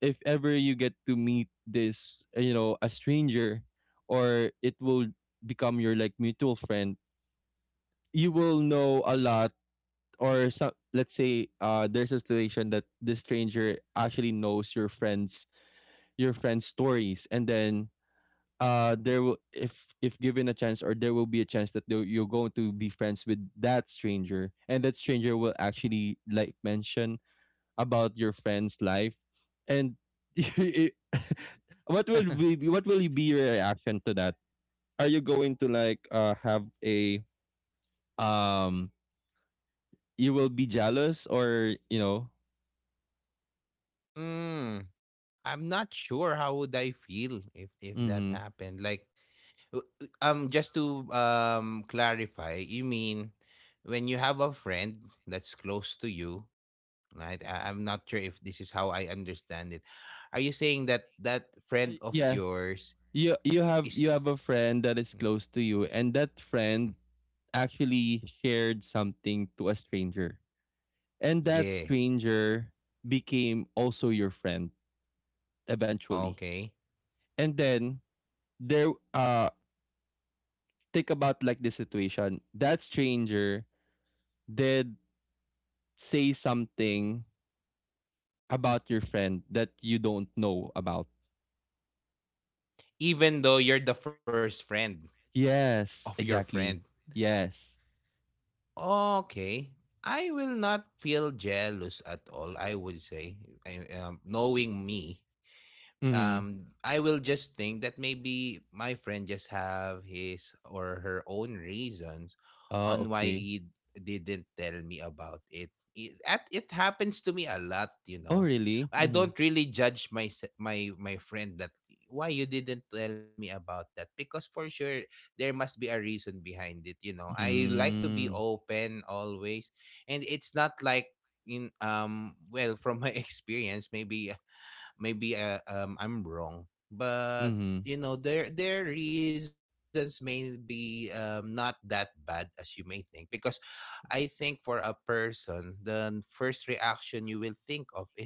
Speaker 1: if ever you get to meet this, you know, a stranger, or it will become your like mutual friend, you will know a lot. Or some, let's say, there's a situation that this stranger actually knows your friends, your friends stories, and then, there will if given a chance, or there will be a chance that, you're going to be friends with that stranger, and that stranger will actually like mention about your friend's life, and *laughs* it- *laughs* what will be your reaction to that? Are you going to like have a... um you will be jealous, or you know?
Speaker 2: *laughs* Mm, I'm not sure how would I feel if that
Speaker 1: Mm-hmm.
Speaker 2: happened. Like— just to clarify, you mean when you have a friend that's close to you, right? I'm not sure if this is how I understand it. Are you saying that that friend of
Speaker 1: Yeah,
Speaker 2: yours is?
Speaker 1: you have a friend that is
Speaker 2: Mm,
Speaker 1: close to you, and that
Speaker 2: mm.
Speaker 1: friend actually shared something to a stranger, and that
Speaker 2: Yeah.
Speaker 1: stranger became also your friend eventually,
Speaker 2: Okay.
Speaker 1: and then there, think about like the situation that stranger did say something about your friend that you don't know about.
Speaker 2: Even though you're the first friend
Speaker 1: Yes,
Speaker 2: of your friend.
Speaker 1: exactly, yes.
Speaker 2: Okay. I will not feel jealous at all. I would say, I, knowing me,
Speaker 1: Mm-hmm.
Speaker 2: I will just think that maybe my friend just have his or her own reasons
Speaker 1: Oh,
Speaker 2: on why
Speaker 1: okay.
Speaker 2: he didn't tell me about it. It, at- it happens to me a lot, you
Speaker 1: Oh,
Speaker 2: know.
Speaker 1: really.
Speaker 2: I
Speaker 1: Mm-hmm.
Speaker 2: don't really judge my my friend that why you didn't tell me about that, because for sure there must be a reason behind it, you know. I like to be
Speaker 1: Mm.
Speaker 2: open always, and it's not like in well from my *laughs* experience maybe. Maybe I'm wrong, but
Speaker 1: Mhm.
Speaker 2: you know their reasons may be not that bad as you may think. Because I think for a person, the first reaction you will think of is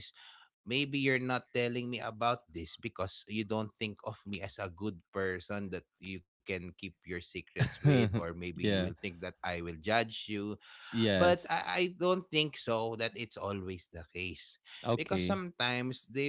Speaker 2: maybe you're not telling me about this because you don't think of me as a good person that you can keep your secrets with, or
Speaker 1: *laughs*
Speaker 2: maybe you will
Speaker 1: Yeah.
Speaker 2: think that I will judge you. But
Speaker 1: Yes.
Speaker 2: I don't think so that it's always the case, because
Speaker 1: Okay.
Speaker 2: sometimes they—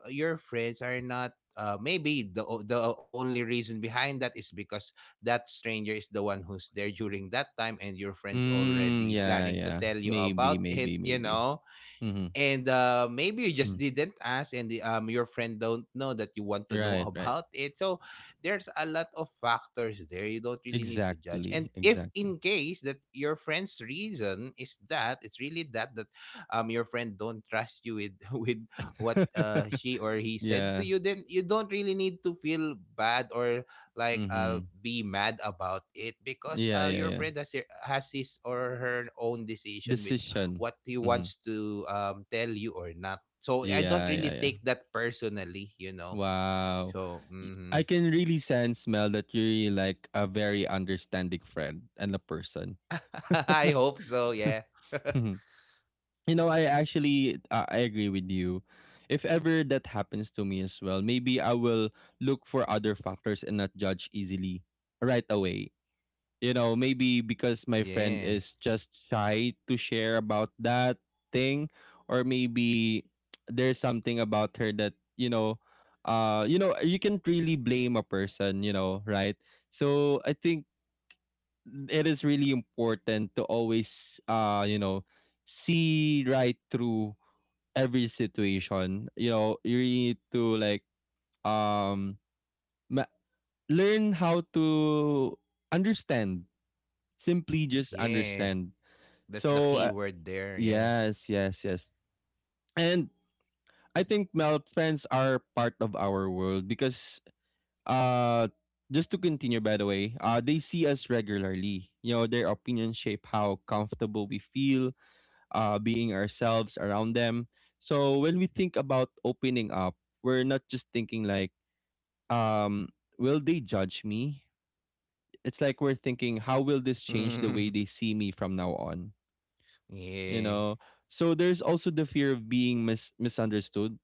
Speaker 2: your friends are not, maybe the only reason behind that is because that stranger is the one who's there during that time, and your friends
Speaker 1: Mm,
Speaker 2: already
Speaker 1: yeah,
Speaker 2: planning to
Speaker 1: yeah.
Speaker 2: tell you
Speaker 1: Maybe,
Speaker 2: about it,
Speaker 1: maybe,
Speaker 2: you
Speaker 1: maybe.
Speaker 2: know.
Speaker 1: Mhm.
Speaker 2: And maybe you just
Speaker 1: Mhm.
Speaker 2: didn't ask, and the, your friend don't know that you want to know *laughs*
Speaker 1: Right, right.
Speaker 2: about it. So there's a lot of factors there. You don't really need to judge. And
Speaker 1: Exactly,
Speaker 2: if
Speaker 1: exactly.
Speaker 2: in case that your friend's reason is that it's really that, your friend don't trust you with *laughs* with what,
Speaker 1: *laughs*
Speaker 2: she or he said
Speaker 1: Yeah.
Speaker 2: to you, then you don't really need to feel bad or like,
Speaker 1: Mhm.
Speaker 2: be mad about it. Because,
Speaker 1: Yeah, yeah,
Speaker 2: your
Speaker 1: yeah.
Speaker 2: friend has, has his or her own decision
Speaker 1: Decision.
Speaker 2: what he
Speaker 1: Mhm.
Speaker 2: wants to, tell you or not. So I don't
Speaker 1: Yeah, yeah,
Speaker 2: really
Speaker 1: yeah.
Speaker 2: take that personally, you know.
Speaker 1: Wow.
Speaker 2: So
Speaker 1: I
Speaker 2: mhm.
Speaker 1: can really sense, Mel, that you're really like a very understanding friend and a person.
Speaker 2: *laughs* I
Speaker 1: *laughs*
Speaker 2: hope so. Yeah. *laughs*
Speaker 1: You know, I actually, I agree with you. If ever that happens to me as well, maybe I will look for other factors and not judge easily right away. You know, maybe because my friend
Speaker 2: Yeah.
Speaker 1: is just shy to share about that thing, or maybe there's something about her that, you know, you know, you can't really blame a person, you know, right? So I think it is really important to always, you know, see right through every situation. You know, you really need to like, um ma- learn how to understand. Simply just
Speaker 2: Yeah.
Speaker 1: understand.
Speaker 2: That's the
Speaker 1: So,
Speaker 2: key word there. Yeah. *laughs*
Speaker 1: yes, yes, yes. And I think, Mel, friends are part of our world, because, uh just to continue, by the way, they see us regularly. You know, their opinions shape how comfortable we feel being ourselves around them. So when we think about opening up, we're not just thinking like, um will they judge me? It's like we're thinking, how will this change the way
Speaker 2: Mm.
Speaker 1: they see me from now on, you
Speaker 2: Yeah.
Speaker 1: know? So there's also the fear of being misunderstood.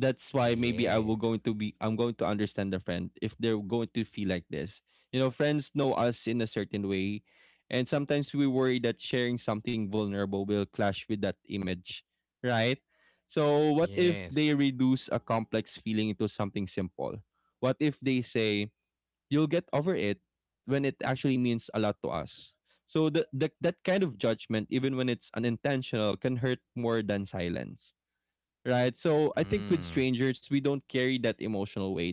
Speaker 1: That's why maybe
Speaker 2: Yes.
Speaker 1: I'm going to understand the friend if they're going to feel like this. You know, friends know us in a certain way, and sometimes we worry that sharing something vulnerable will clash with that image, right? So what if they
Speaker 2: Yes.
Speaker 1: reduce a complex feeling into something simple? What if they say, "You'll get over it," when it actually means a lot to us. So the that kind of judgment, even when it's unintentional, can hurt more than silence. Right? So I think with
Speaker 2: Mm.
Speaker 1: strangers, we don't carry that emotional weight.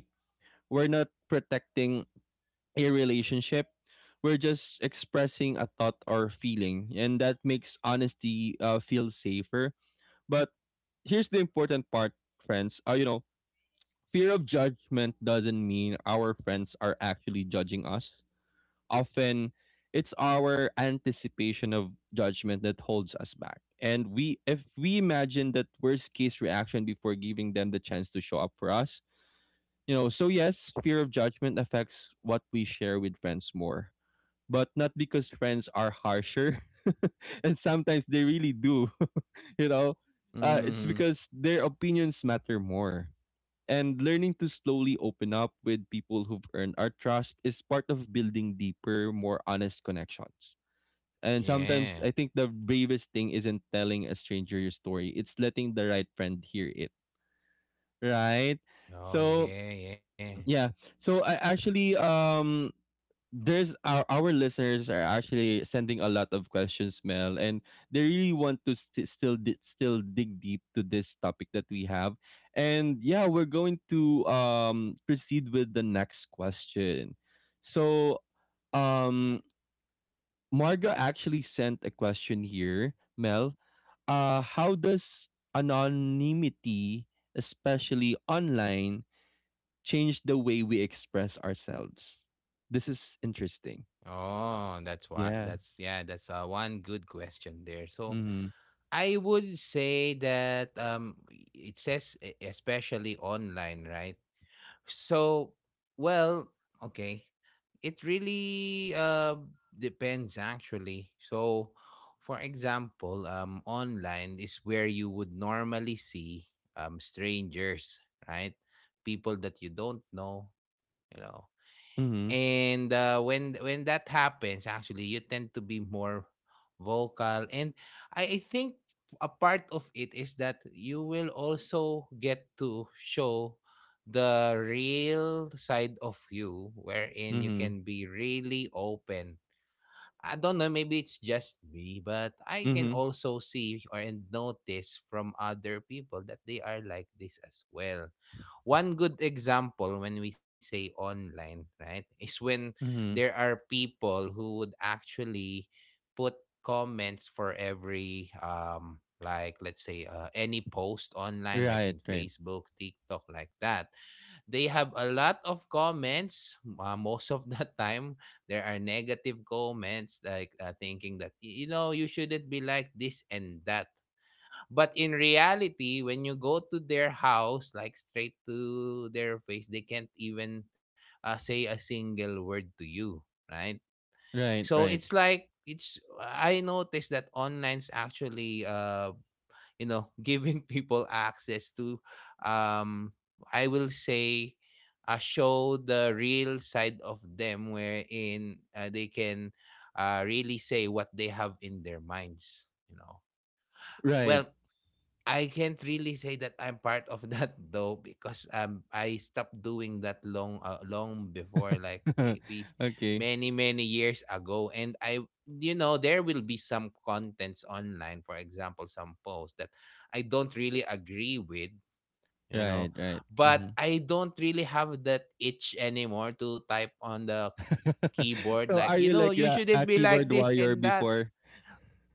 Speaker 1: We're not protecting a relationship. We're just expressing a thought or feeling, and that makes honesty feel safer. But here's the important part, friends. Fear of judgment doesn't mean our friends are actually judging us often it's our anticipation of judgment that holds us back. And we if we imagine that worst case reaction before giving them the chance to show up for us. So yes, fear of judgment affects what we share with friends more. But not because friends are harsher. *laughs* And sometimes they really do. *laughs* you know. It's
Speaker 2: Mm.
Speaker 1: because their opinions matter more. And learning to slowly open up with people who've earned our trust is part of building deeper, more honest connections. And sometimes I
Speaker 2: Yeah.
Speaker 1: think the bravest thing isn't telling a stranger your story, it's letting the right friend hear it, right?
Speaker 2: Oh
Speaker 1: So,
Speaker 2: yeah, yeah.
Speaker 1: yeah. So I actually there's our listeners are actually sending a lot of questions, Mel, and they really want to still dig deep to this topic that we have. And yeah, we're going to proceed with the next question. So um Marga actually sent a question here, Mel. How does anonymity, especially online, change the way we express ourselves? This is interesting.
Speaker 2: Oh, that's why. That's, yeah. That's one good question there. So
Speaker 1: Mhm,
Speaker 2: I would say that it says especially online, right? So, well, okay. It really depends actually. So, for example, online is where you would normally see strangers, right? People that you don't know, you know.
Speaker 1: mhm,
Speaker 2: And when that happens, actually, you tend to be more vocal. And I think a part of it is that you will also get to show the real side of you, wherein you
Speaker 1: mhm,
Speaker 2: can be really open. I don't know, maybe it's just me, but I can
Speaker 1: mhm,
Speaker 2: also see or and notice from other people that they are like this as well. One good example when we say online, right, is when there
Speaker 1: mhm.
Speaker 2: are people who would actually put comments for every like let's say any post online like
Speaker 1: Right,
Speaker 2: in
Speaker 1: right.
Speaker 2: Facebook, TikTok like that. They have a lot of comments, most of the time there are negative comments like, thinking that you know you shouldn't be like this and that. But in reality, when you go to their house, like straight to their face, they can't even, say a single word to you, right?
Speaker 1: Right,
Speaker 2: So it's
Speaker 1: right.
Speaker 2: like it's I noticed that online's actually you know *laughs* giving people access to um I will say, show the real side of them, wherein, they can, really say what they have in their minds, you know.
Speaker 1: Right.
Speaker 2: Well, I can't really say that I'm part of *laughs* that though, because I stopped doing that long, long before, like
Speaker 1: *laughs*
Speaker 2: maybe
Speaker 1: Okay.
Speaker 2: many years ago. And I, you know, there will be some contents online, for example some posts that I don't really agree with, you know.
Speaker 1: Right, right.
Speaker 2: But
Speaker 1: Mhm.
Speaker 2: I don't really have that itch anymore to type on the
Speaker 1: *laughs*
Speaker 2: keyboard like, you
Speaker 1: So are
Speaker 2: know,
Speaker 1: you
Speaker 2: you
Speaker 1: like
Speaker 2: shouldn't
Speaker 1: a
Speaker 2: be
Speaker 1: a
Speaker 2: like this
Speaker 1: keyboard
Speaker 2: and
Speaker 1: warrior
Speaker 2: that.
Speaker 1: before?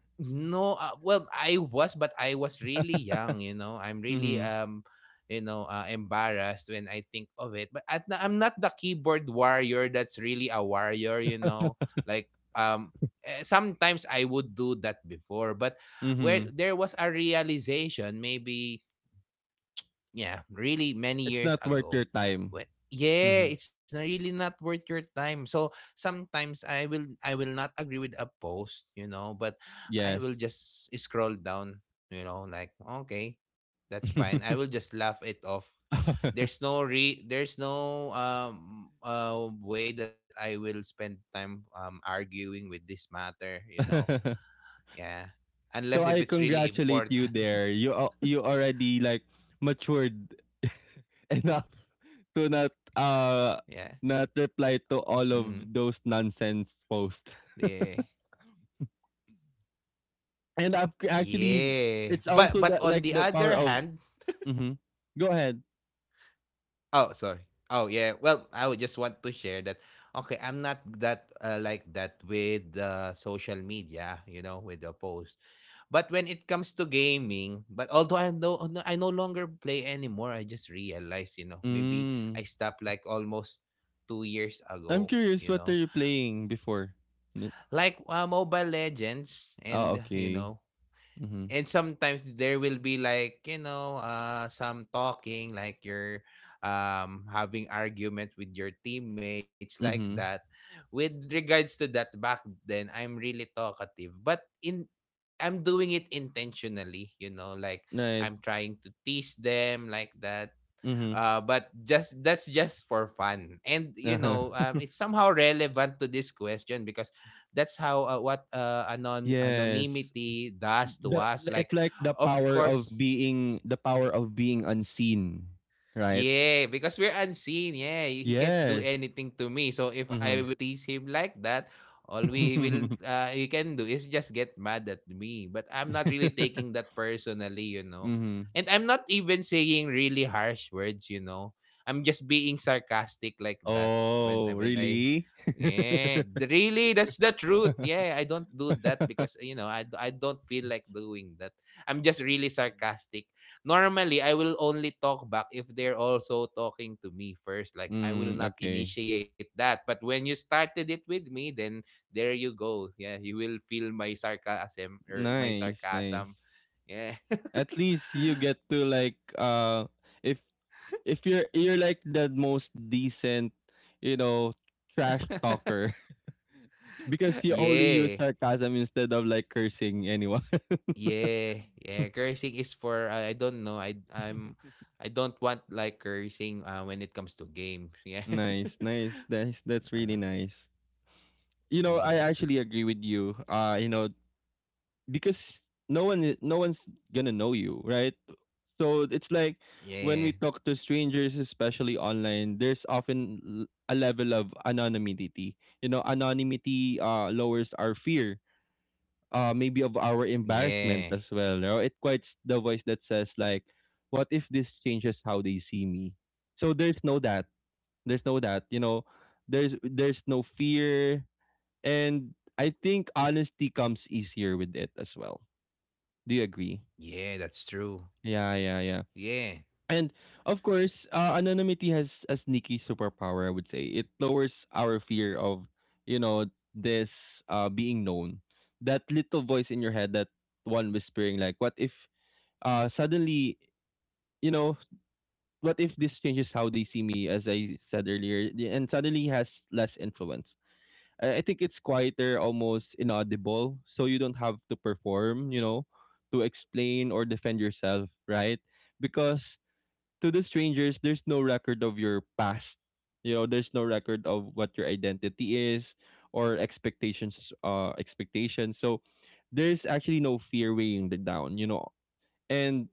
Speaker 2: No, well, I was, but I was really young. You know, I'm really
Speaker 1: Mhm,
Speaker 2: you know, embarrassed when I think of it. But I'm not the keyboard warrior that's really a warrior. You know, like, um, sometimes I would do that before, but where
Speaker 1: mhm.
Speaker 2: there was a realization, maybe, yeah, really many
Speaker 1: It's
Speaker 2: years
Speaker 1: not worth
Speaker 2: ago.
Speaker 1: your time.
Speaker 2: When, yeah,
Speaker 1: Mhm.
Speaker 2: it's not- really not worth your time. So sometimes I will not agree with a post, you know, but I
Speaker 1: Yes.
Speaker 2: will just scroll down, like, okay, that's fine. I will
Speaker 1: *laughs*
Speaker 2: just laugh it off. There's no way that I will spend time arguing with this matter.
Speaker 1: *laughs*
Speaker 2: Yeah. Unless
Speaker 1: So
Speaker 2: if
Speaker 1: I
Speaker 2: it's really
Speaker 1: congratulate
Speaker 2: important.
Speaker 1: you there. You already like matured
Speaker 2: *laughs* yeah.
Speaker 1: *laughs* enough to
Speaker 2: Mm-hmm.
Speaker 1: not reply to all of those
Speaker 2: Yeah.
Speaker 1: nonsense posts. And I've
Speaker 2: Yeah.
Speaker 1: c-
Speaker 2: But
Speaker 1: actually
Speaker 2: on the
Speaker 1: it's
Speaker 2: other
Speaker 1: also
Speaker 2: hand,
Speaker 1: that like the power of mm-hmm. Go ahead.
Speaker 2: oh, sorry. Oh yeah. Well, I would just want to share that, okay, I'm not that like that with social media, with the post. But when it comes to gaming, but although I no longer play anymore, I just realized, maybe I
Speaker 1: Mm.
Speaker 2: stopped like almost 2 years
Speaker 1: I'm
Speaker 2: ago, you
Speaker 1: curious what
Speaker 2: know.
Speaker 1: are you playing before? N-
Speaker 2: Like, Mobile Legends,
Speaker 1: Oh,
Speaker 2: and
Speaker 1: okay. Mhm.
Speaker 2: and sometimes there will be, like, some talking, like you're having argument with your teammates *laughs* like
Speaker 1: Mhm.
Speaker 2: that. With regards to that, back then I'm really talkative, but in I'm doing it intentionally, you know, like,
Speaker 1: Right.
Speaker 2: I'm trying to tease them like that.
Speaker 1: Mhm.
Speaker 2: But just that's just for fun, and,
Speaker 1: Uh-huh. *laughs*
Speaker 2: it's somehow relevant to this question, because that's how what anon
Speaker 1: Yes.
Speaker 2: anonymity does to
Speaker 1: the
Speaker 2: us. Like,
Speaker 1: It's like the
Speaker 2: of
Speaker 1: power of
Speaker 2: course,
Speaker 1: being the power of being unseen, right?
Speaker 2: yeah, because we're unseen. Yeah, he can't do
Speaker 1: Yes.
Speaker 2: anything to me. So if I will
Speaker 1: Mhm.
Speaker 2: tease him like that, all we will
Speaker 1: *laughs*
Speaker 2: he can do is just get mad at me. But I'm not really taking that personally, you know.
Speaker 1: Mhm.
Speaker 2: And I'm not even saying really harsh words, you know. I'm just being sarcastic like that,
Speaker 1: Oh,
Speaker 2: when I
Speaker 1: really?
Speaker 2: yeah,
Speaker 1: *laughs*
Speaker 2: really, that's the truth. Yeah, I don't do that because, I don't feel like doing that. I'm just really sarcastic. Normally I will only talk back if they're also talking to me first. Like, I
Speaker 1: Mm. Mm,
Speaker 2: will not
Speaker 1: okay.
Speaker 2: initiate that. But when you started it with me, then there you go. Yeah, you will feel my sarcasm or my
Speaker 1: Nice, nice.
Speaker 2: sarcasm. Yeah.
Speaker 1: At least you get to like uh if if you're you're like the most decent, you know, trash talker *laughs* because
Speaker 2: *laughs*
Speaker 1: you only use
Speaker 2: yeah.
Speaker 1: sarcasm instead of like cursing anyone.
Speaker 2: Yeah. Yeah. Cursing is for, I don't know.
Speaker 1: *laughs*
Speaker 2: I don't want like cursing when it comes to games. Yeah.
Speaker 1: Nice, nice.
Speaker 2: *laughs*
Speaker 1: That's really
Speaker 2: uh,
Speaker 1: nice. You know, I
Speaker 2: mm,
Speaker 1: actually agree with you. Because no one's gonna know you, right? So it's like when we
Speaker 2: yeah.
Speaker 1: talk to strangers, especially online, there's often a level of anonymity. You know, anonymity lowers our fear, maybe of our embarrassment
Speaker 2: Yeah.
Speaker 1: as well. You know? It quiets the voice that says like, what if this changes how they see me? So there's no that, you know. There's no fear, and I think honesty comes easier with it as well. Do you agree?
Speaker 2: Yeah, that's true.
Speaker 1: Yeah, yeah, yeah.
Speaker 2: Yeah.
Speaker 1: And of course, anonymity has a sneaky superpower. I would say it lowers our fear of, you know, this being known. That little voice in your head, that one whispering, like, "What if suddenly, you know, what if this changes how they see me?" As I said earlier, and suddenly has less influence. I think it's quieter, almost inaudible, so you don't have to perform, you know, to explain or defend yourself, right? Because to the strangers, there's no record of your past. You know, there's no record of what your identity is or expectations. So there's actually no fear weighing the down, you know. And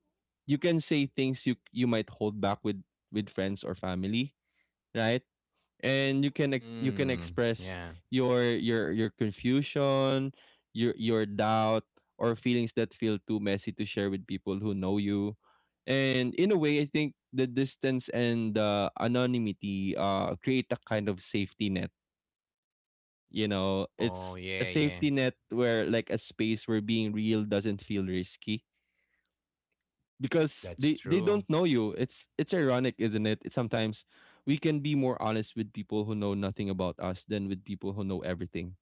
Speaker 1: you can say things you might hold back with friends or family, right? And you can you can
Speaker 2: Mm,
Speaker 1: express
Speaker 2: yeah.
Speaker 1: your confusion, your doubt, or feelings that feel too messy to share with people who know you. And in a way I think the distance and the anonymity create a kind of safety net. You know, it's
Speaker 2: Oh,
Speaker 1: a
Speaker 2: yeah,
Speaker 1: safety
Speaker 2: yeah.
Speaker 1: net where like a space where being real doesn't feel risky because they
Speaker 2: That's
Speaker 1: they don't know
Speaker 2: true.
Speaker 1: you. It's ironic, isn't it? It's sometimes we can be more honest with people who know nothing about us than with people who know everything,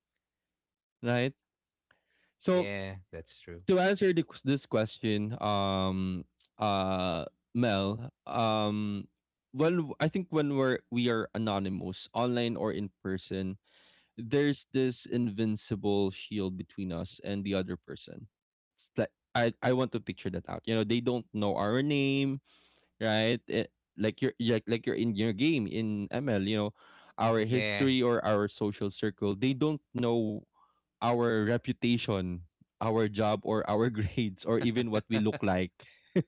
Speaker 1: right? So
Speaker 2: Yeah, that's
Speaker 1: to
Speaker 2: true.
Speaker 1: answer this question, uh, Mel, um, when I think when we are anonymous, online or in person, there's this invincible shield between us and the other person. It's like I want to picture that out. You know, they don't know our name, right? It, like you're in your game in ML, you know, our history
Speaker 2: Yeah.
Speaker 1: or our social circle, they don't know our reputation, our job or our *laughs* grades or even what we look like.
Speaker 2: *laughs*
Speaker 1: *laughs*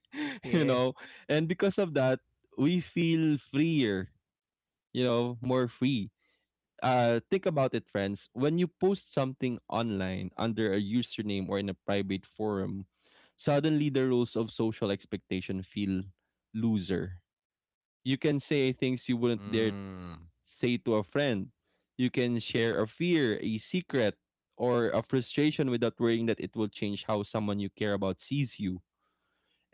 Speaker 1: You know,
Speaker 2: yeah.
Speaker 1: and because of that, we feel freer, you know, more free. Think about it friends, when you post something online under a username or in a private forum, suddenly the rules of social expectation feel looser. You can say things you wouldn't dare
Speaker 2: Mm,
Speaker 1: say to a friend. You can share a fear, a secret, or a frustration without worrying that it will change how someone you care about sees you.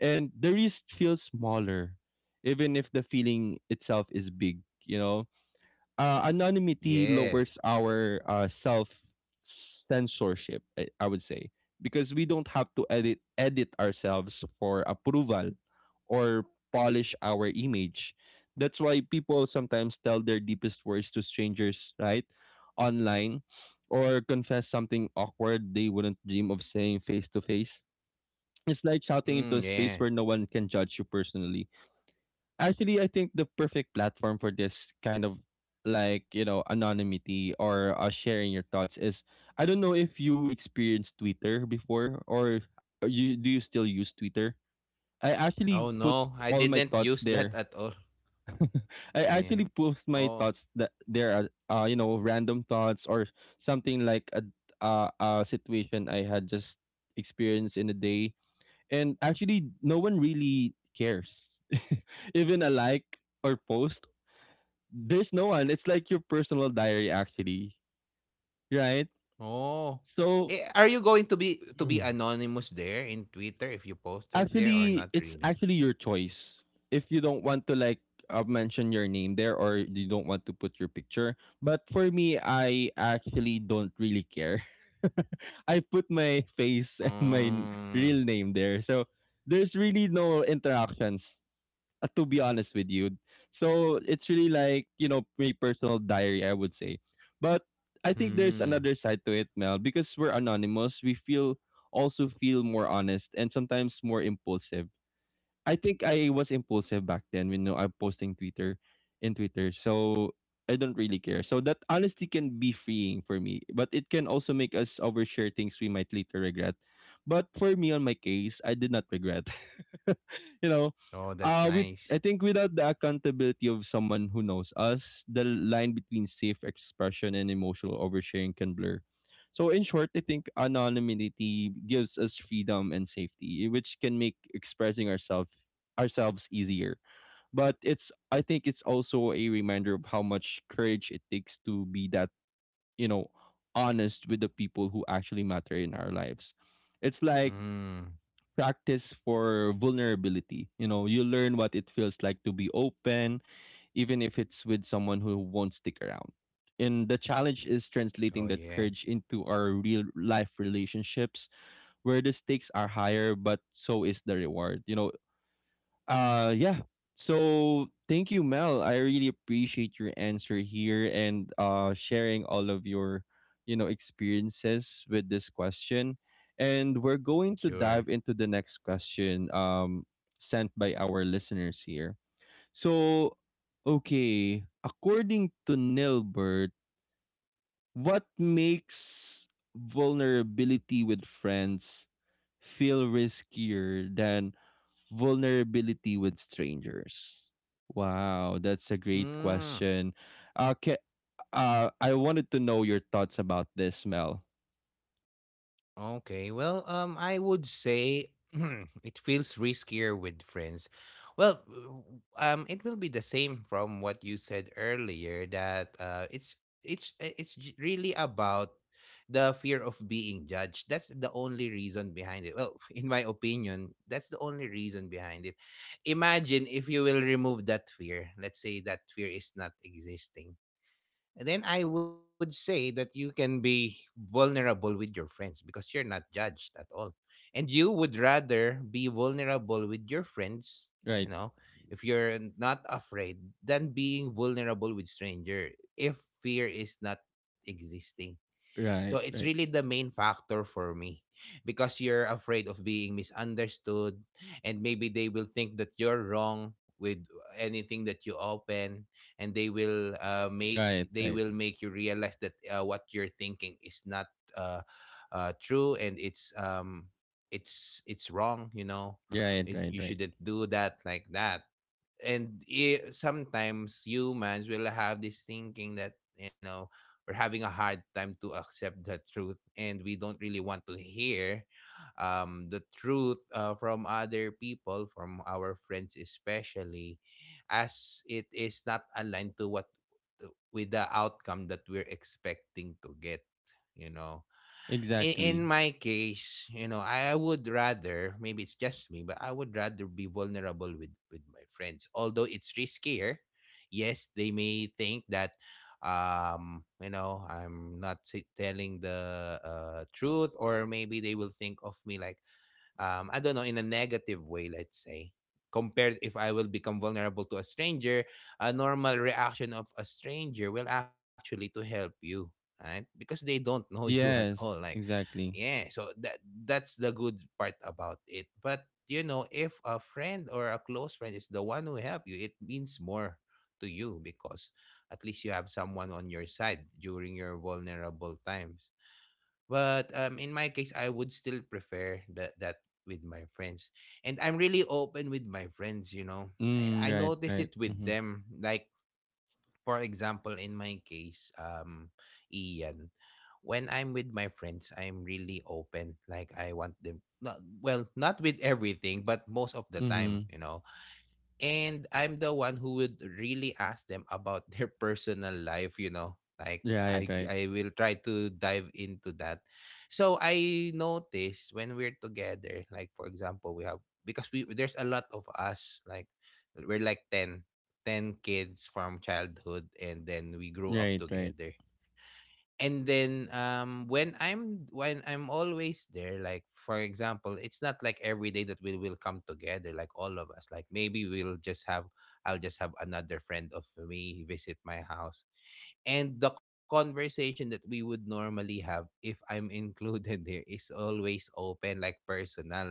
Speaker 1: And the risk feels smaller, even if the feeling itself is big, you know? Anonymity
Speaker 2: yeah.
Speaker 1: lowers our self censorship. I would say because we don't have to edit ourselves for approval or polish our image. That's why people sometimes tell their deepest words to strangers, right, online, or confess something awkward they wouldn't dream of saying face to face. It's like shouting into a
Speaker 2: Mm,
Speaker 1: space where
Speaker 2: yeah.
Speaker 1: no one can judge you personally. Actually, I think the perfect platform for this kind of like, you know, anonymity or sharing your thoughts is I don't know if you experienced Twitter before or you do you still use Twitter? I actually
Speaker 2: Oh,
Speaker 1: put
Speaker 2: no.
Speaker 1: all
Speaker 2: I
Speaker 1: my
Speaker 2: didn't
Speaker 1: thoughts
Speaker 2: use
Speaker 1: there.
Speaker 2: that at all.
Speaker 1: *laughs* I actually
Speaker 2: Yeah.
Speaker 1: post my
Speaker 2: Oh.
Speaker 1: thoughts that there are you know, random thoughts or something like a situation I had just experienced in a day and actually no one really cares *laughs* even a like or post there's no one it's like your personal diary actually, right?
Speaker 2: Oh.
Speaker 1: So
Speaker 2: Are you going to be
Speaker 1: Mm.
Speaker 2: anonymous there in Twitter if you posted there or
Speaker 1: Actually
Speaker 2: not
Speaker 1: it's
Speaker 2: really?
Speaker 1: actually your choice if you don't want to mention your name there or you don't want to put your picture, but for me I actually don't really care. *laughs* I put my *laughs* face and my n- real
Speaker 2: Um.
Speaker 1: name there, so there's really no interactions, to be honest with you. So it's really like, you know, my personal diary, I would say. But I think there's another
Speaker 2: Hmm.
Speaker 1: side to it, Mel, because we're anonymous, we feel also feel more honest and sometimes more impulsive. I think I was impulsive back then when you know, I'm posting Twitter in Twitter. So I don't really care. So that honesty can be freeing for me, but it can also make us overshare things we might later regret. But for me on my case, I did not regret. *laughs* You know,
Speaker 2: Oh,
Speaker 1: with
Speaker 2: that's
Speaker 1: I think
Speaker 2: nice.
Speaker 1: without the accountability of someone who knows us, the line between safe expression and emotional oversharing can blur. So in short, I think anonymity gives us freedom and safety, which can make expressing ourselves easier. But it's I think it's also a reminder of how much courage it takes to be that, you know, honest with the people who actually matter in our lives. It's like
Speaker 2: Mm.
Speaker 1: practice for vulnerability. You know, you learn what it feels like to be open, even if it's with someone who won't stick around. And the challenge is translating
Speaker 2: Oh
Speaker 1: that
Speaker 2: yeah.
Speaker 1: courage into our real life relationships where the stakes are higher, but so is the reward. You know, yeah. So thank you, Mel. I really appreciate your answer here and sharing all of your, you know, experiences with this question. And we're going to dive into the
Speaker 2: Sure.
Speaker 1: next question sent by our listeners here. So okay, according to Nilbert, what makes vulnerability with friends feel riskier than vulnerability with strangers? Wow, that's a great question.
Speaker 2: Mm.
Speaker 1: Okay, I wanted to know your thoughts about this, Mel.
Speaker 2: Okay. Well, I would say *clears throat* it feels riskier with friends. Well, it will be the same from what you said earlier, that it's really about the fear of being judged. That's the only reason behind it. Well, *laughs* in my opinion, that's the only reason behind it. Imagine if you will remove that fear. Let's say that fear is not existing, then I would say that you can be vulnerable with your friends because you're not judged at all. And you would rather be vulnerable with your friends,
Speaker 1: Right,
Speaker 2: you know, if you're not afraid, than being vulnerable with stranger, if fear is not existing. So it's
Speaker 1: right,
Speaker 2: really the
Speaker 1: right,
Speaker 2: main factor for me, because you're afraid of being misunderstood, and maybe they will think that you're wrong with anything that you open, and they will, make
Speaker 1: right,
Speaker 2: they
Speaker 1: right,
Speaker 2: will make you realize that what you're thinking is not uh, true, and it's it's wrong, you know.
Speaker 1: right,
Speaker 2: Is,
Speaker 1: right,
Speaker 2: you
Speaker 1: right.
Speaker 2: shouldn't do that like that. And I sometimes humans will have this thinking, that, you know, we're having a hard time to accept the truth, and we don't really want to hear the truth from other people, from our friends especially, as it is not aligned to what, with the outcome that we're expecting to get, you know. In
Speaker 1: Exactly.
Speaker 2: my case, you know, I would rather, maybe it's just me, but I would rather be vulnerable with my friends. Although it's riskier, yes, they may think that, you know, I'm not t- telling the truth, or maybe they will think of me like, I don't know, in a negative way, let's say, compared if I will become vulnerable to a stranger. A normal reaction of a stranger will actually to help you, right? Because they don't *laughs* know you at all.
Speaker 1: Yes,
Speaker 2: Like,
Speaker 1: exactly.
Speaker 2: yeah, so that's the good part about it. But, you know, if a friend or a close friend is the one who help you, it means more to you, because at least you have someone on your side during your vulnerable times. But, in my case, I would still prefer that with my friends, and I'm really open with my friends. You know, I
Speaker 1: Mm, right,
Speaker 2: notice it
Speaker 1: right.
Speaker 2: with
Speaker 1: Mm-hmm.
Speaker 2: them. Like, for example, in my case, Ian, when I'm with my friends, I'm really open. Like, I want them. Not, well, not with everything, but most of the
Speaker 1: Mm-hmm.
Speaker 2: time, you know. And I'm the one who would really ask them about their *laughs* personal life, you know. Like,
Speaker 1: Right,
Speaker 2: I
Speaker 1: right,
Speaker 2: I will try to dive into that. So I noticed, when we're together, like, for example, we have, because we there's a lot of us. Like, we're like ten kids from childhood, and then we grew
Speaker 1: right,
Speaker 2: up
Speaker 1: right,
Speaker 2: together. And then, when I'm always there, like, for example, it's not like every day that we will come together, like all of us. Like, maybe we'll just have I'll just have another friend of me visit my house, and the conversation that we would normally have, if I'm included *laughs* there, is always open, like, personal,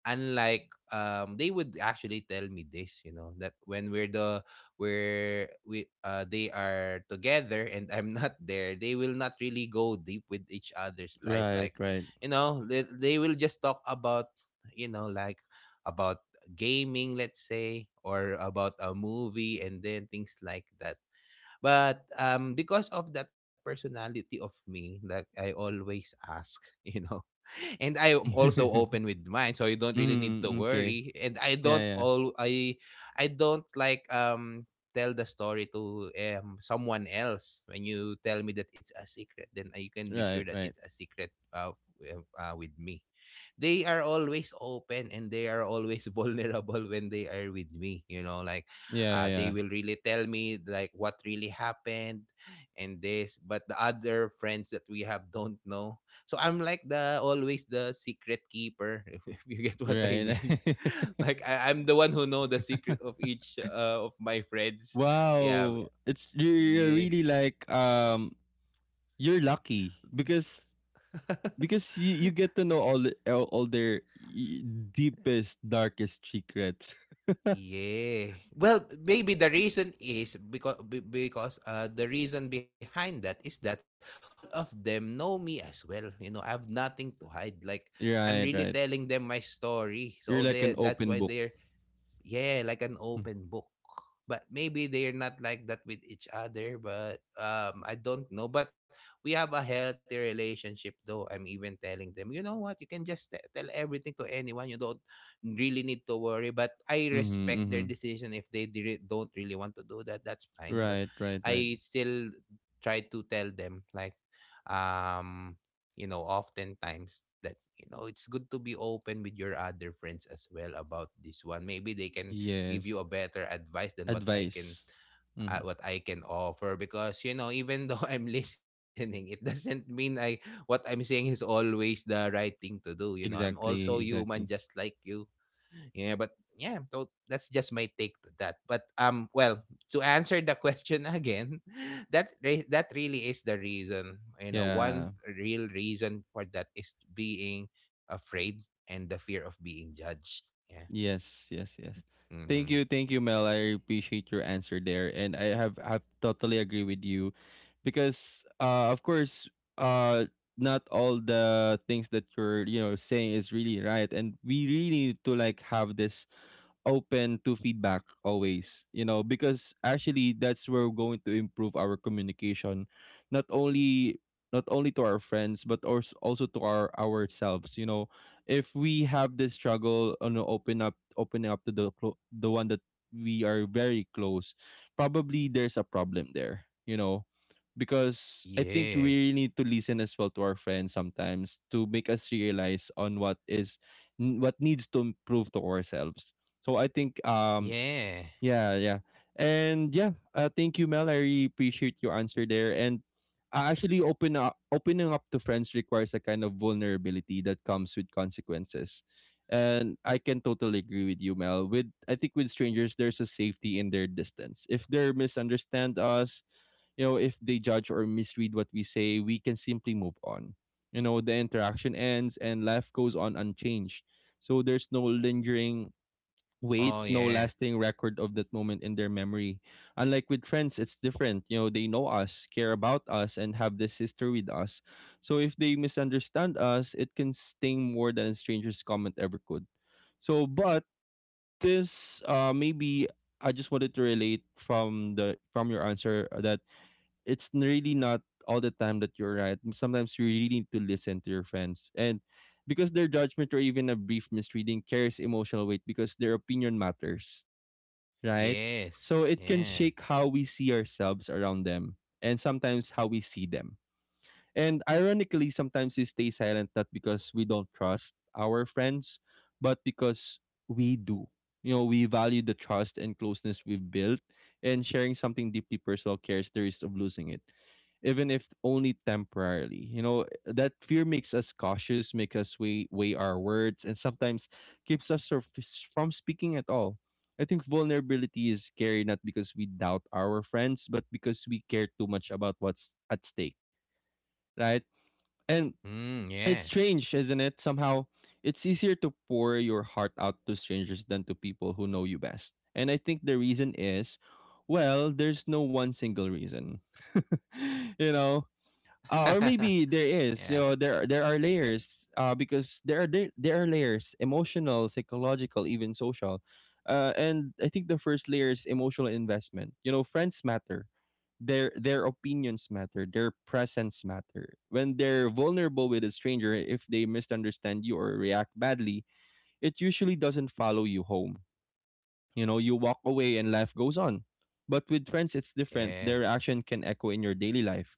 Speaker 2: unlike, they would actually tell me this, you know, that when we're the where we they are together and I'm *laughs* not there, they will not really go deep with each other's life.
Speaker 1: right,
Speaker 2: Like,
Speaker 1: right.
Speaker 2: you know, they will just talk about, you know, like, about gaming, let's say, or about a movie, and then things like that. But, because of that personality of me, like, I always ask, *laughs* you know, and I am also open
Speaker 1: *laughs*
Speaker 2: with mine, so you don't really need to
Speaker 1: Mm, okay.
Speaker 2: worry. And I
Speaker 1: Yeah,
Speaker 2: don't
Speaker 1: yeah.
Speaker 2: all I I don't like, tell the story to, someone else. When you tell me that it's a secret, then, you can be sure
Speaker 1: Right,
Speaker 2: that
Speaker 1: right.
Speaker 2: it's a secret, with me. They are always open and they are always *laughs* vulnerable when they are with me, you know. Like, they
Speaker 1: Yeah,
Speaker 2: will really tell me like what really happened, and this, but the other friends that we have don't know. So I'm like the always the secret keeper, *laughs* if you get what I
Speaker 1: yeah.
Speaker 2: mean. *laughs*
Speaker 1: Right.
Speaker 2: Like,
Speaker 1: *laughs*
Speaker 2: I'm the one who know the secret of each, of my friends. Yeah.
Speaker 1: Wow, it's you're
Speaker 2: Yeah.
Speaker 1: really like you're lucky
Speaker 2: *laughs*
Speaker 1: because you get to know all their deepest darkest secrets. *laughs*
Speaker 2: Yeah. Well, maybe the reason is, because the reason behind that is that all of them know me as well. You know, I have nothing to hide. Like, I'm
Speaker 1: Right,
Speaker 2: really
Speaker 1: right.
Speaker 2: telling them my story.
Speaker 1: You're
Speaker 2: So
Speaker 1: like an
Speaker 2: they, that's
Speaker 1: open
Speaker 2: why
Speaker 1: book.
Speaker 2: they're, yeah, like an
Speaker 1: Hmm.
Speaker 2: open book. But maybe they're not like that with each other, but, I don't know. But we have a healthy relationship though. I'm even telling them, you know what, you can just tell everything to anyone. You don't really need to worry. But
Speaker 1: Mm-hmm,
Speaker 2: I
Speaker 1: mm-hmm.
Speaker 2: respect their decision, if they don't really want to do that, that's
Speaker 1: Right,
Speaker 2: fine. But
Speaker 1: right, right.
Speaker 2: I still try to tell them, like, um you know, oftentimes that, it's good to be open with your other friends as well, about this one. Maybe they can
Speaker 1: Yes.
Speaker 2: give you a better advice than what
Speaker 1: Advice.
Speaker 2: I can,
Speaker 1: Mm-hmm.
Speaker 2: what I can offer. Because, you know, even though *laughs* I'm listening, it doesn't mean I what I'm saying is always the right thing to do. You know, I'm
Speaker 1: Exactly,
Speaker 2: also
Speaker 1: exactly.
Speaker 2: human just like you. Yeah, but, yeah, so that's just my take to that. But, well, to answer the question again, *laughs* that really is the reason, you know. One
Speaker 1: Yeah.
Speaker 2: real reason for that is being afraid and the fear of being judged. Yeah.
Speaker 1: Yes, yes, yes.
Speaker 2: Mm-hmm.
Speaker 1: Thank you, Mel. I appreciate your answer there, and I have totally agree with you, because uh, of course, uh, not all the things that you're you know saying is really right, and we really need to like have this open to feedback always, you know, because actually that's where we're going to improve our communication, not only not only to our friends but also to our ourselves. You know, if we have this struggle on the opening up to the the one that we are very close, probably there's a problem there. You know, because I think
Speaker 2: Yeah.
Speaker 1: we really need to listen as well to our friends sometimes to make us realize on what what needs to improve to ourselves. So I think um
Speaker 2: Yeah.
Speaker 1: yeah, yeah. And yeah, thank you, Mel. I really appreciate your answer there, and actually opening up to friends requires a kind of vulnerability that comes with consequences. And I can totally agree with you, Mel. With I think with strangers there's a safety in their distance. If they misunderstand us, you know, if they judge or misread what we say, we can simply move on. You know, the interaction ends and life goes on unchanged. So there's no lingering
Speaker 2: Oh
Speaker 1: weight, no
Speaker 2: yeah.
Speaker 1: lasting record of that moment in their memory. Unlike with friends, it's different. You know, they know us, care about us, and have this history with us. So if they misunderstand us, it can sting more than a stranger's comment ever could. So, but this, maybe I just wanted to relate from the from your answer that really not all the time that you're right. Sometimes you really need to listen to your friends. And because their judgment or even a brief misreading carries emotional weight because their opinion matters, right?
Speaker 2: Yes.
Speaker 1: So it can
Speaker 2: Yeah.
Speaker 1: shake how we see ourselves around them and sometimes how we see them. And ironically, sometimes we stay silent not because we don't trust our friends, but because we do. You know, we value the trust and closeness we've built, and sharing something deeply personal carries the risk of losing it, even if only temporarily. You know, that fear makes us cautious, makes us weigh our words, and sometimes keeps us from speaking at all. I think vulnerability is scary not because we doubt our friends, but because we care too much about what's at stake, right? And
Speaker 2: Mm, yeah.
Speaker 1: it's strange, isn't it? Somehow, it's easier to pour your heart out to strangers than to people who know you best. And I think the reason is, well, there's no one single reason. *laughs* You know, or
Speaker 2: *laughs*
Speaker 1: maybe there
Speaker 2: yeah.
Speaker 1: is. You know, there are layers. Because there are layers: emotional, psychological, even social. And I think the first layer is emotional investment. You know, friends matter. Their opinions matter. Their presence matter. When they're vulnerable with a stranger, if they misunderstand you or react badly, it usually doesn't follow you home. You know, you walk away and life goes on. But with friends, it's different.
Speaker 2: Yeah.
Speaker 1: Their action can echo in your daily life,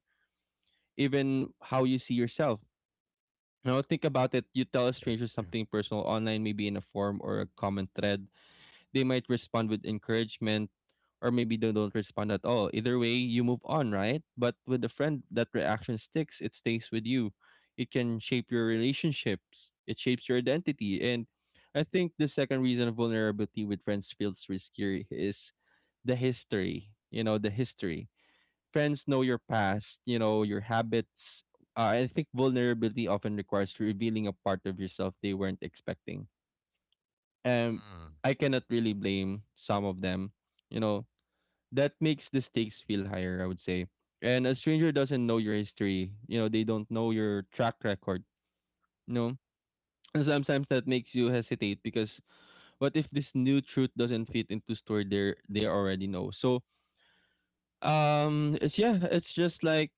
Speaker 1: even how you see yourself. Now think about it. You tell a
Speaker 2: That's
Speaker 1: stranger
Speaker 2: true.
Speaker 1: something personal online, maybe in a forum or a common thread. They might respond with encouragement, or maybe they don't respond at all. Either way, you move on, right? But with a friend, that reaction sticks. It stays with you. It can shape your relationships. It shapes your identity. And I think the second reason vulnerability with friends feels riskier is the history. You know, the history, friends know your past, you know, your habits. I think vulnerability often requires revealing a part of yourself they weren't expecting. And
Speaker 2: Mm.
Speaker 1: I cannot really blame some of them. You know, that makes the stakes feel higher, I would say. And a stranger doesn't know your history. You know, they don't know your track record. You know, and sometimes that makes you hesitate because what if this new truth doesn't fit into story they already know? So it's, yeah, it's just like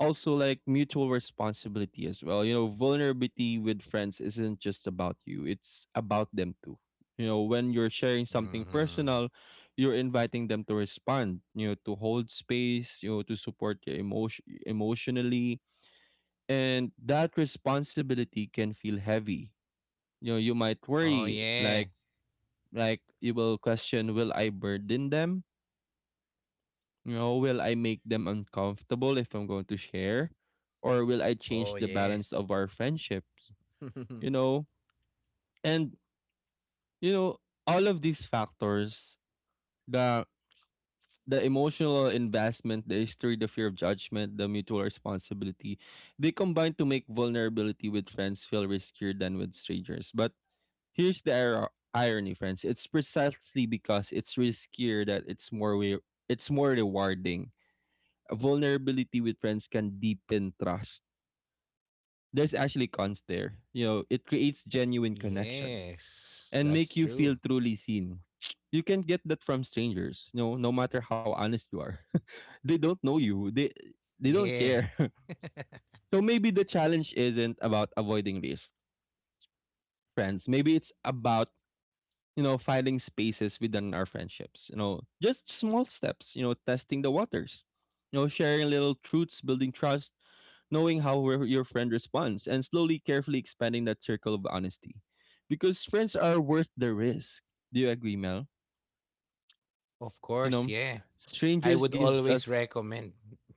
Speaker 1: also like mutual responsibility as well. You know, vulnerability with friends isn't just about you, it's about them too. You know, when you're sharing something
Speaker 2: Hmm.
Speaker 1: personal, you're inviting them to respond, you know, to hold space, you know, to support you emotionally. And that responsibility can feel heavy. You know, you might
Speaker 2: Oh,
Speaker 1: worry,
Speaker 2: yeah.
Speaker 1: like you will question, will I burden them? You know, will I make them uncomfortable if I'm going to share? Or will I change
Speaker 2: Oh,
Speaker 1: the
Speaker 2: yeah.
Speaker 1: balance of our friendships? You
Speaker 2: *laughs*
Speaker 1: know? And you know, all of these factors, the the emotional investment, the history, the fear of judgment, the mutual responsibility, they combine to make vulnerability with friends feel riskier than with strangers. But here's the irony, friends. It's precisely because it's riskier that it's more rewarding. Vulnerability with friends can deepen trust. There's actually cons there. You know, it creates genuine connection
Speaker 2: yes.
Speaker 1: and make
Speaker 2: That's
Speaker 1: you feel
Speaker 2: true.
Speaker 1: truly seen. You can get that from strangers, you know, no matter how honest you are. *laughs* They don't know you. They don't
Speaker 2: Yeah.
Speaker 1: care. *laughs*
Speaker 2: *laughs*
Speaker 1: So maybe the challenge isn't about avoiding risk, friends. Maybe it's about, you know, finding spaces within our friendships. You know, just small steps, you know, testing the waters. You know, sharing little truths, building trust, knowing how your friend responds, and slowly, carefully expanding that circle of honesty. Because friends are worth the risk. Do you agree, Mel?
Speaker 2: of
Speaker 1: You
Speaker 2: course.
Speaker 1: know,
Speaker 2: Yeah. I
Speaker 1: strangers
Speaker 2: would
Speaker 1: gives
Speaker 2: always
Speaker 1: us
Speaker 2: recommend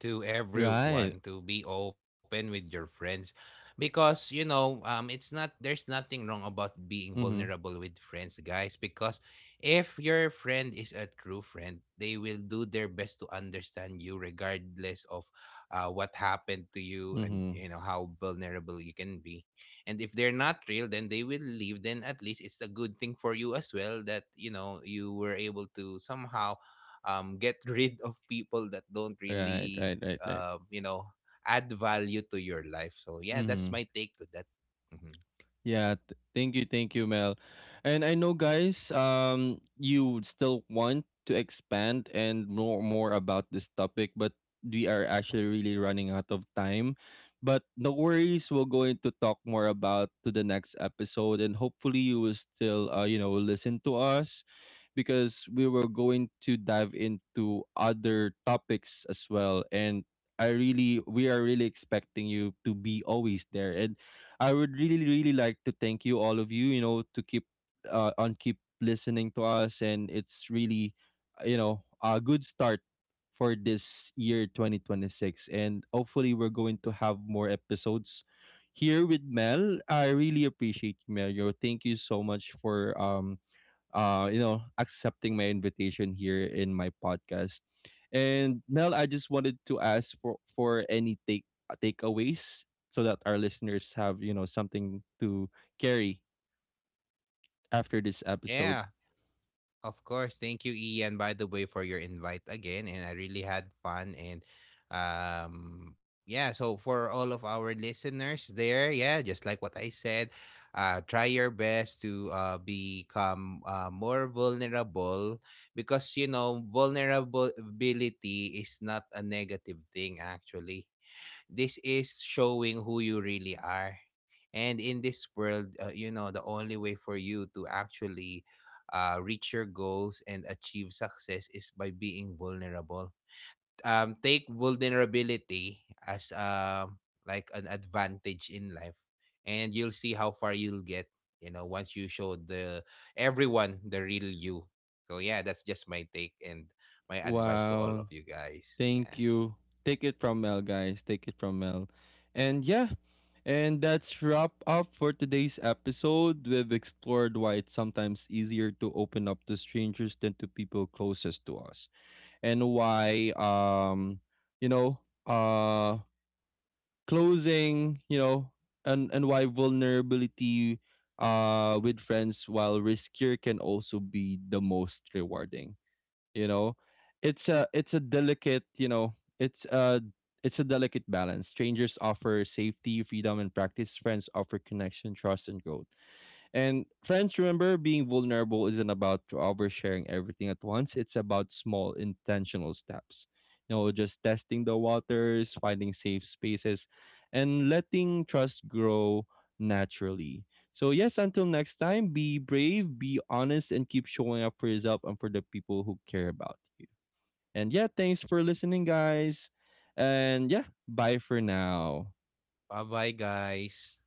Speaker 2: to
Speaker 1: right.
Speaker 2: everyone to be open with your friends, because, you know, it's not, there's nothing wrong about being
Speaker 1: Mm-hmm.
Speaker 2: vulnerable with friends, guys, because if your friend is a true friend, they will do their best to understand you, regardless of, what happened to
Speaker 1: Mm-hmm.
Speaker 2: you, and, you know, how vulnerable you can be. And if they're not real, then they will leave, then at least it's a good thing for you as well, that, you know, you were able to somehow, get rid of people that don't
Speaker 1: Right, right, right,
Speaker 2: really,
Speaker 1: right.
Speaker 2: you know, add value to your life. So yeah,
Speaker 1: Mm-hmm.
Speaker 2: that's my take to that. Hmm.
Speaker 1: Yeah, thank you, Mel. And I know, guys, you would still want to expand and know more about this topic, but we are actually really running out of time. But no worries, we're going to talk more about to the next episode, and hopefully, you will still, you know, listen to us because we were going to dive into other topics as well. And we are really expecting you to be always there, and I would really, really like to thank you, all of you, you know, to keep on keep listening to us, and it's really, you know, a good start for this year 2026, and hopefully we're going to have more episodes here with Mel. I really appreciate you, Mel. You know, thank you so much for you know, accepting my invitation here in my podcast. And Nell, I just wanted to ask for any takeaways so that our listeners have, you know, something to carry after this episode.
Speaker 2: Yeah. Of course. Thank you, Ian, by the way, for your invite again. And I really had fun. And, yeah, so for all of our listeners there, yeah, just like what I said, try your best to, become, more vulnerable, because, you know, vulnerability is not a negative thing, actually. This is showing who you really are. And in this world, you know, the only way for you to actually, reach your goals and achieve success is by being vulnerable. Take vulnerability as, like, an advantage in life, and you'll see how far you'll get. You know, once you show the, everyone, the real you. So yeah, that's just my take and my advice to all
Speaker 1: Wow,
Speaker 2: of you guys.
Speaker 1: thank
Speaker 2: Yeah.
Speaker 1: you. Take it from Mel, guys. Take it from Mel, and yeah. And that's wrap up for today's episode. We've explored why it's sometimes easier to open up to strangers than to people closest to us, and why you know uh closing you know and why vulnerability with friends, while riskier, can also be the most rewarding. you know it's a it's a delicate you know it's a delicate balance. Strangers offer safety, freedom, and practice. Friends offer connection, trust, and growth. And friends, remember, being vulnerable isn't about oversharing everything at once. It's about small intentional steps. You know, just testing the waters, finding safe spaces, and letting trust grow naturally. So yes, until next time, be brave, be honest, and keep showing up for yourself and for the people who care about you. And yeah, thanks for listening, guys. And yeah, bye for now.
Speaker 2: Bye bye, guys.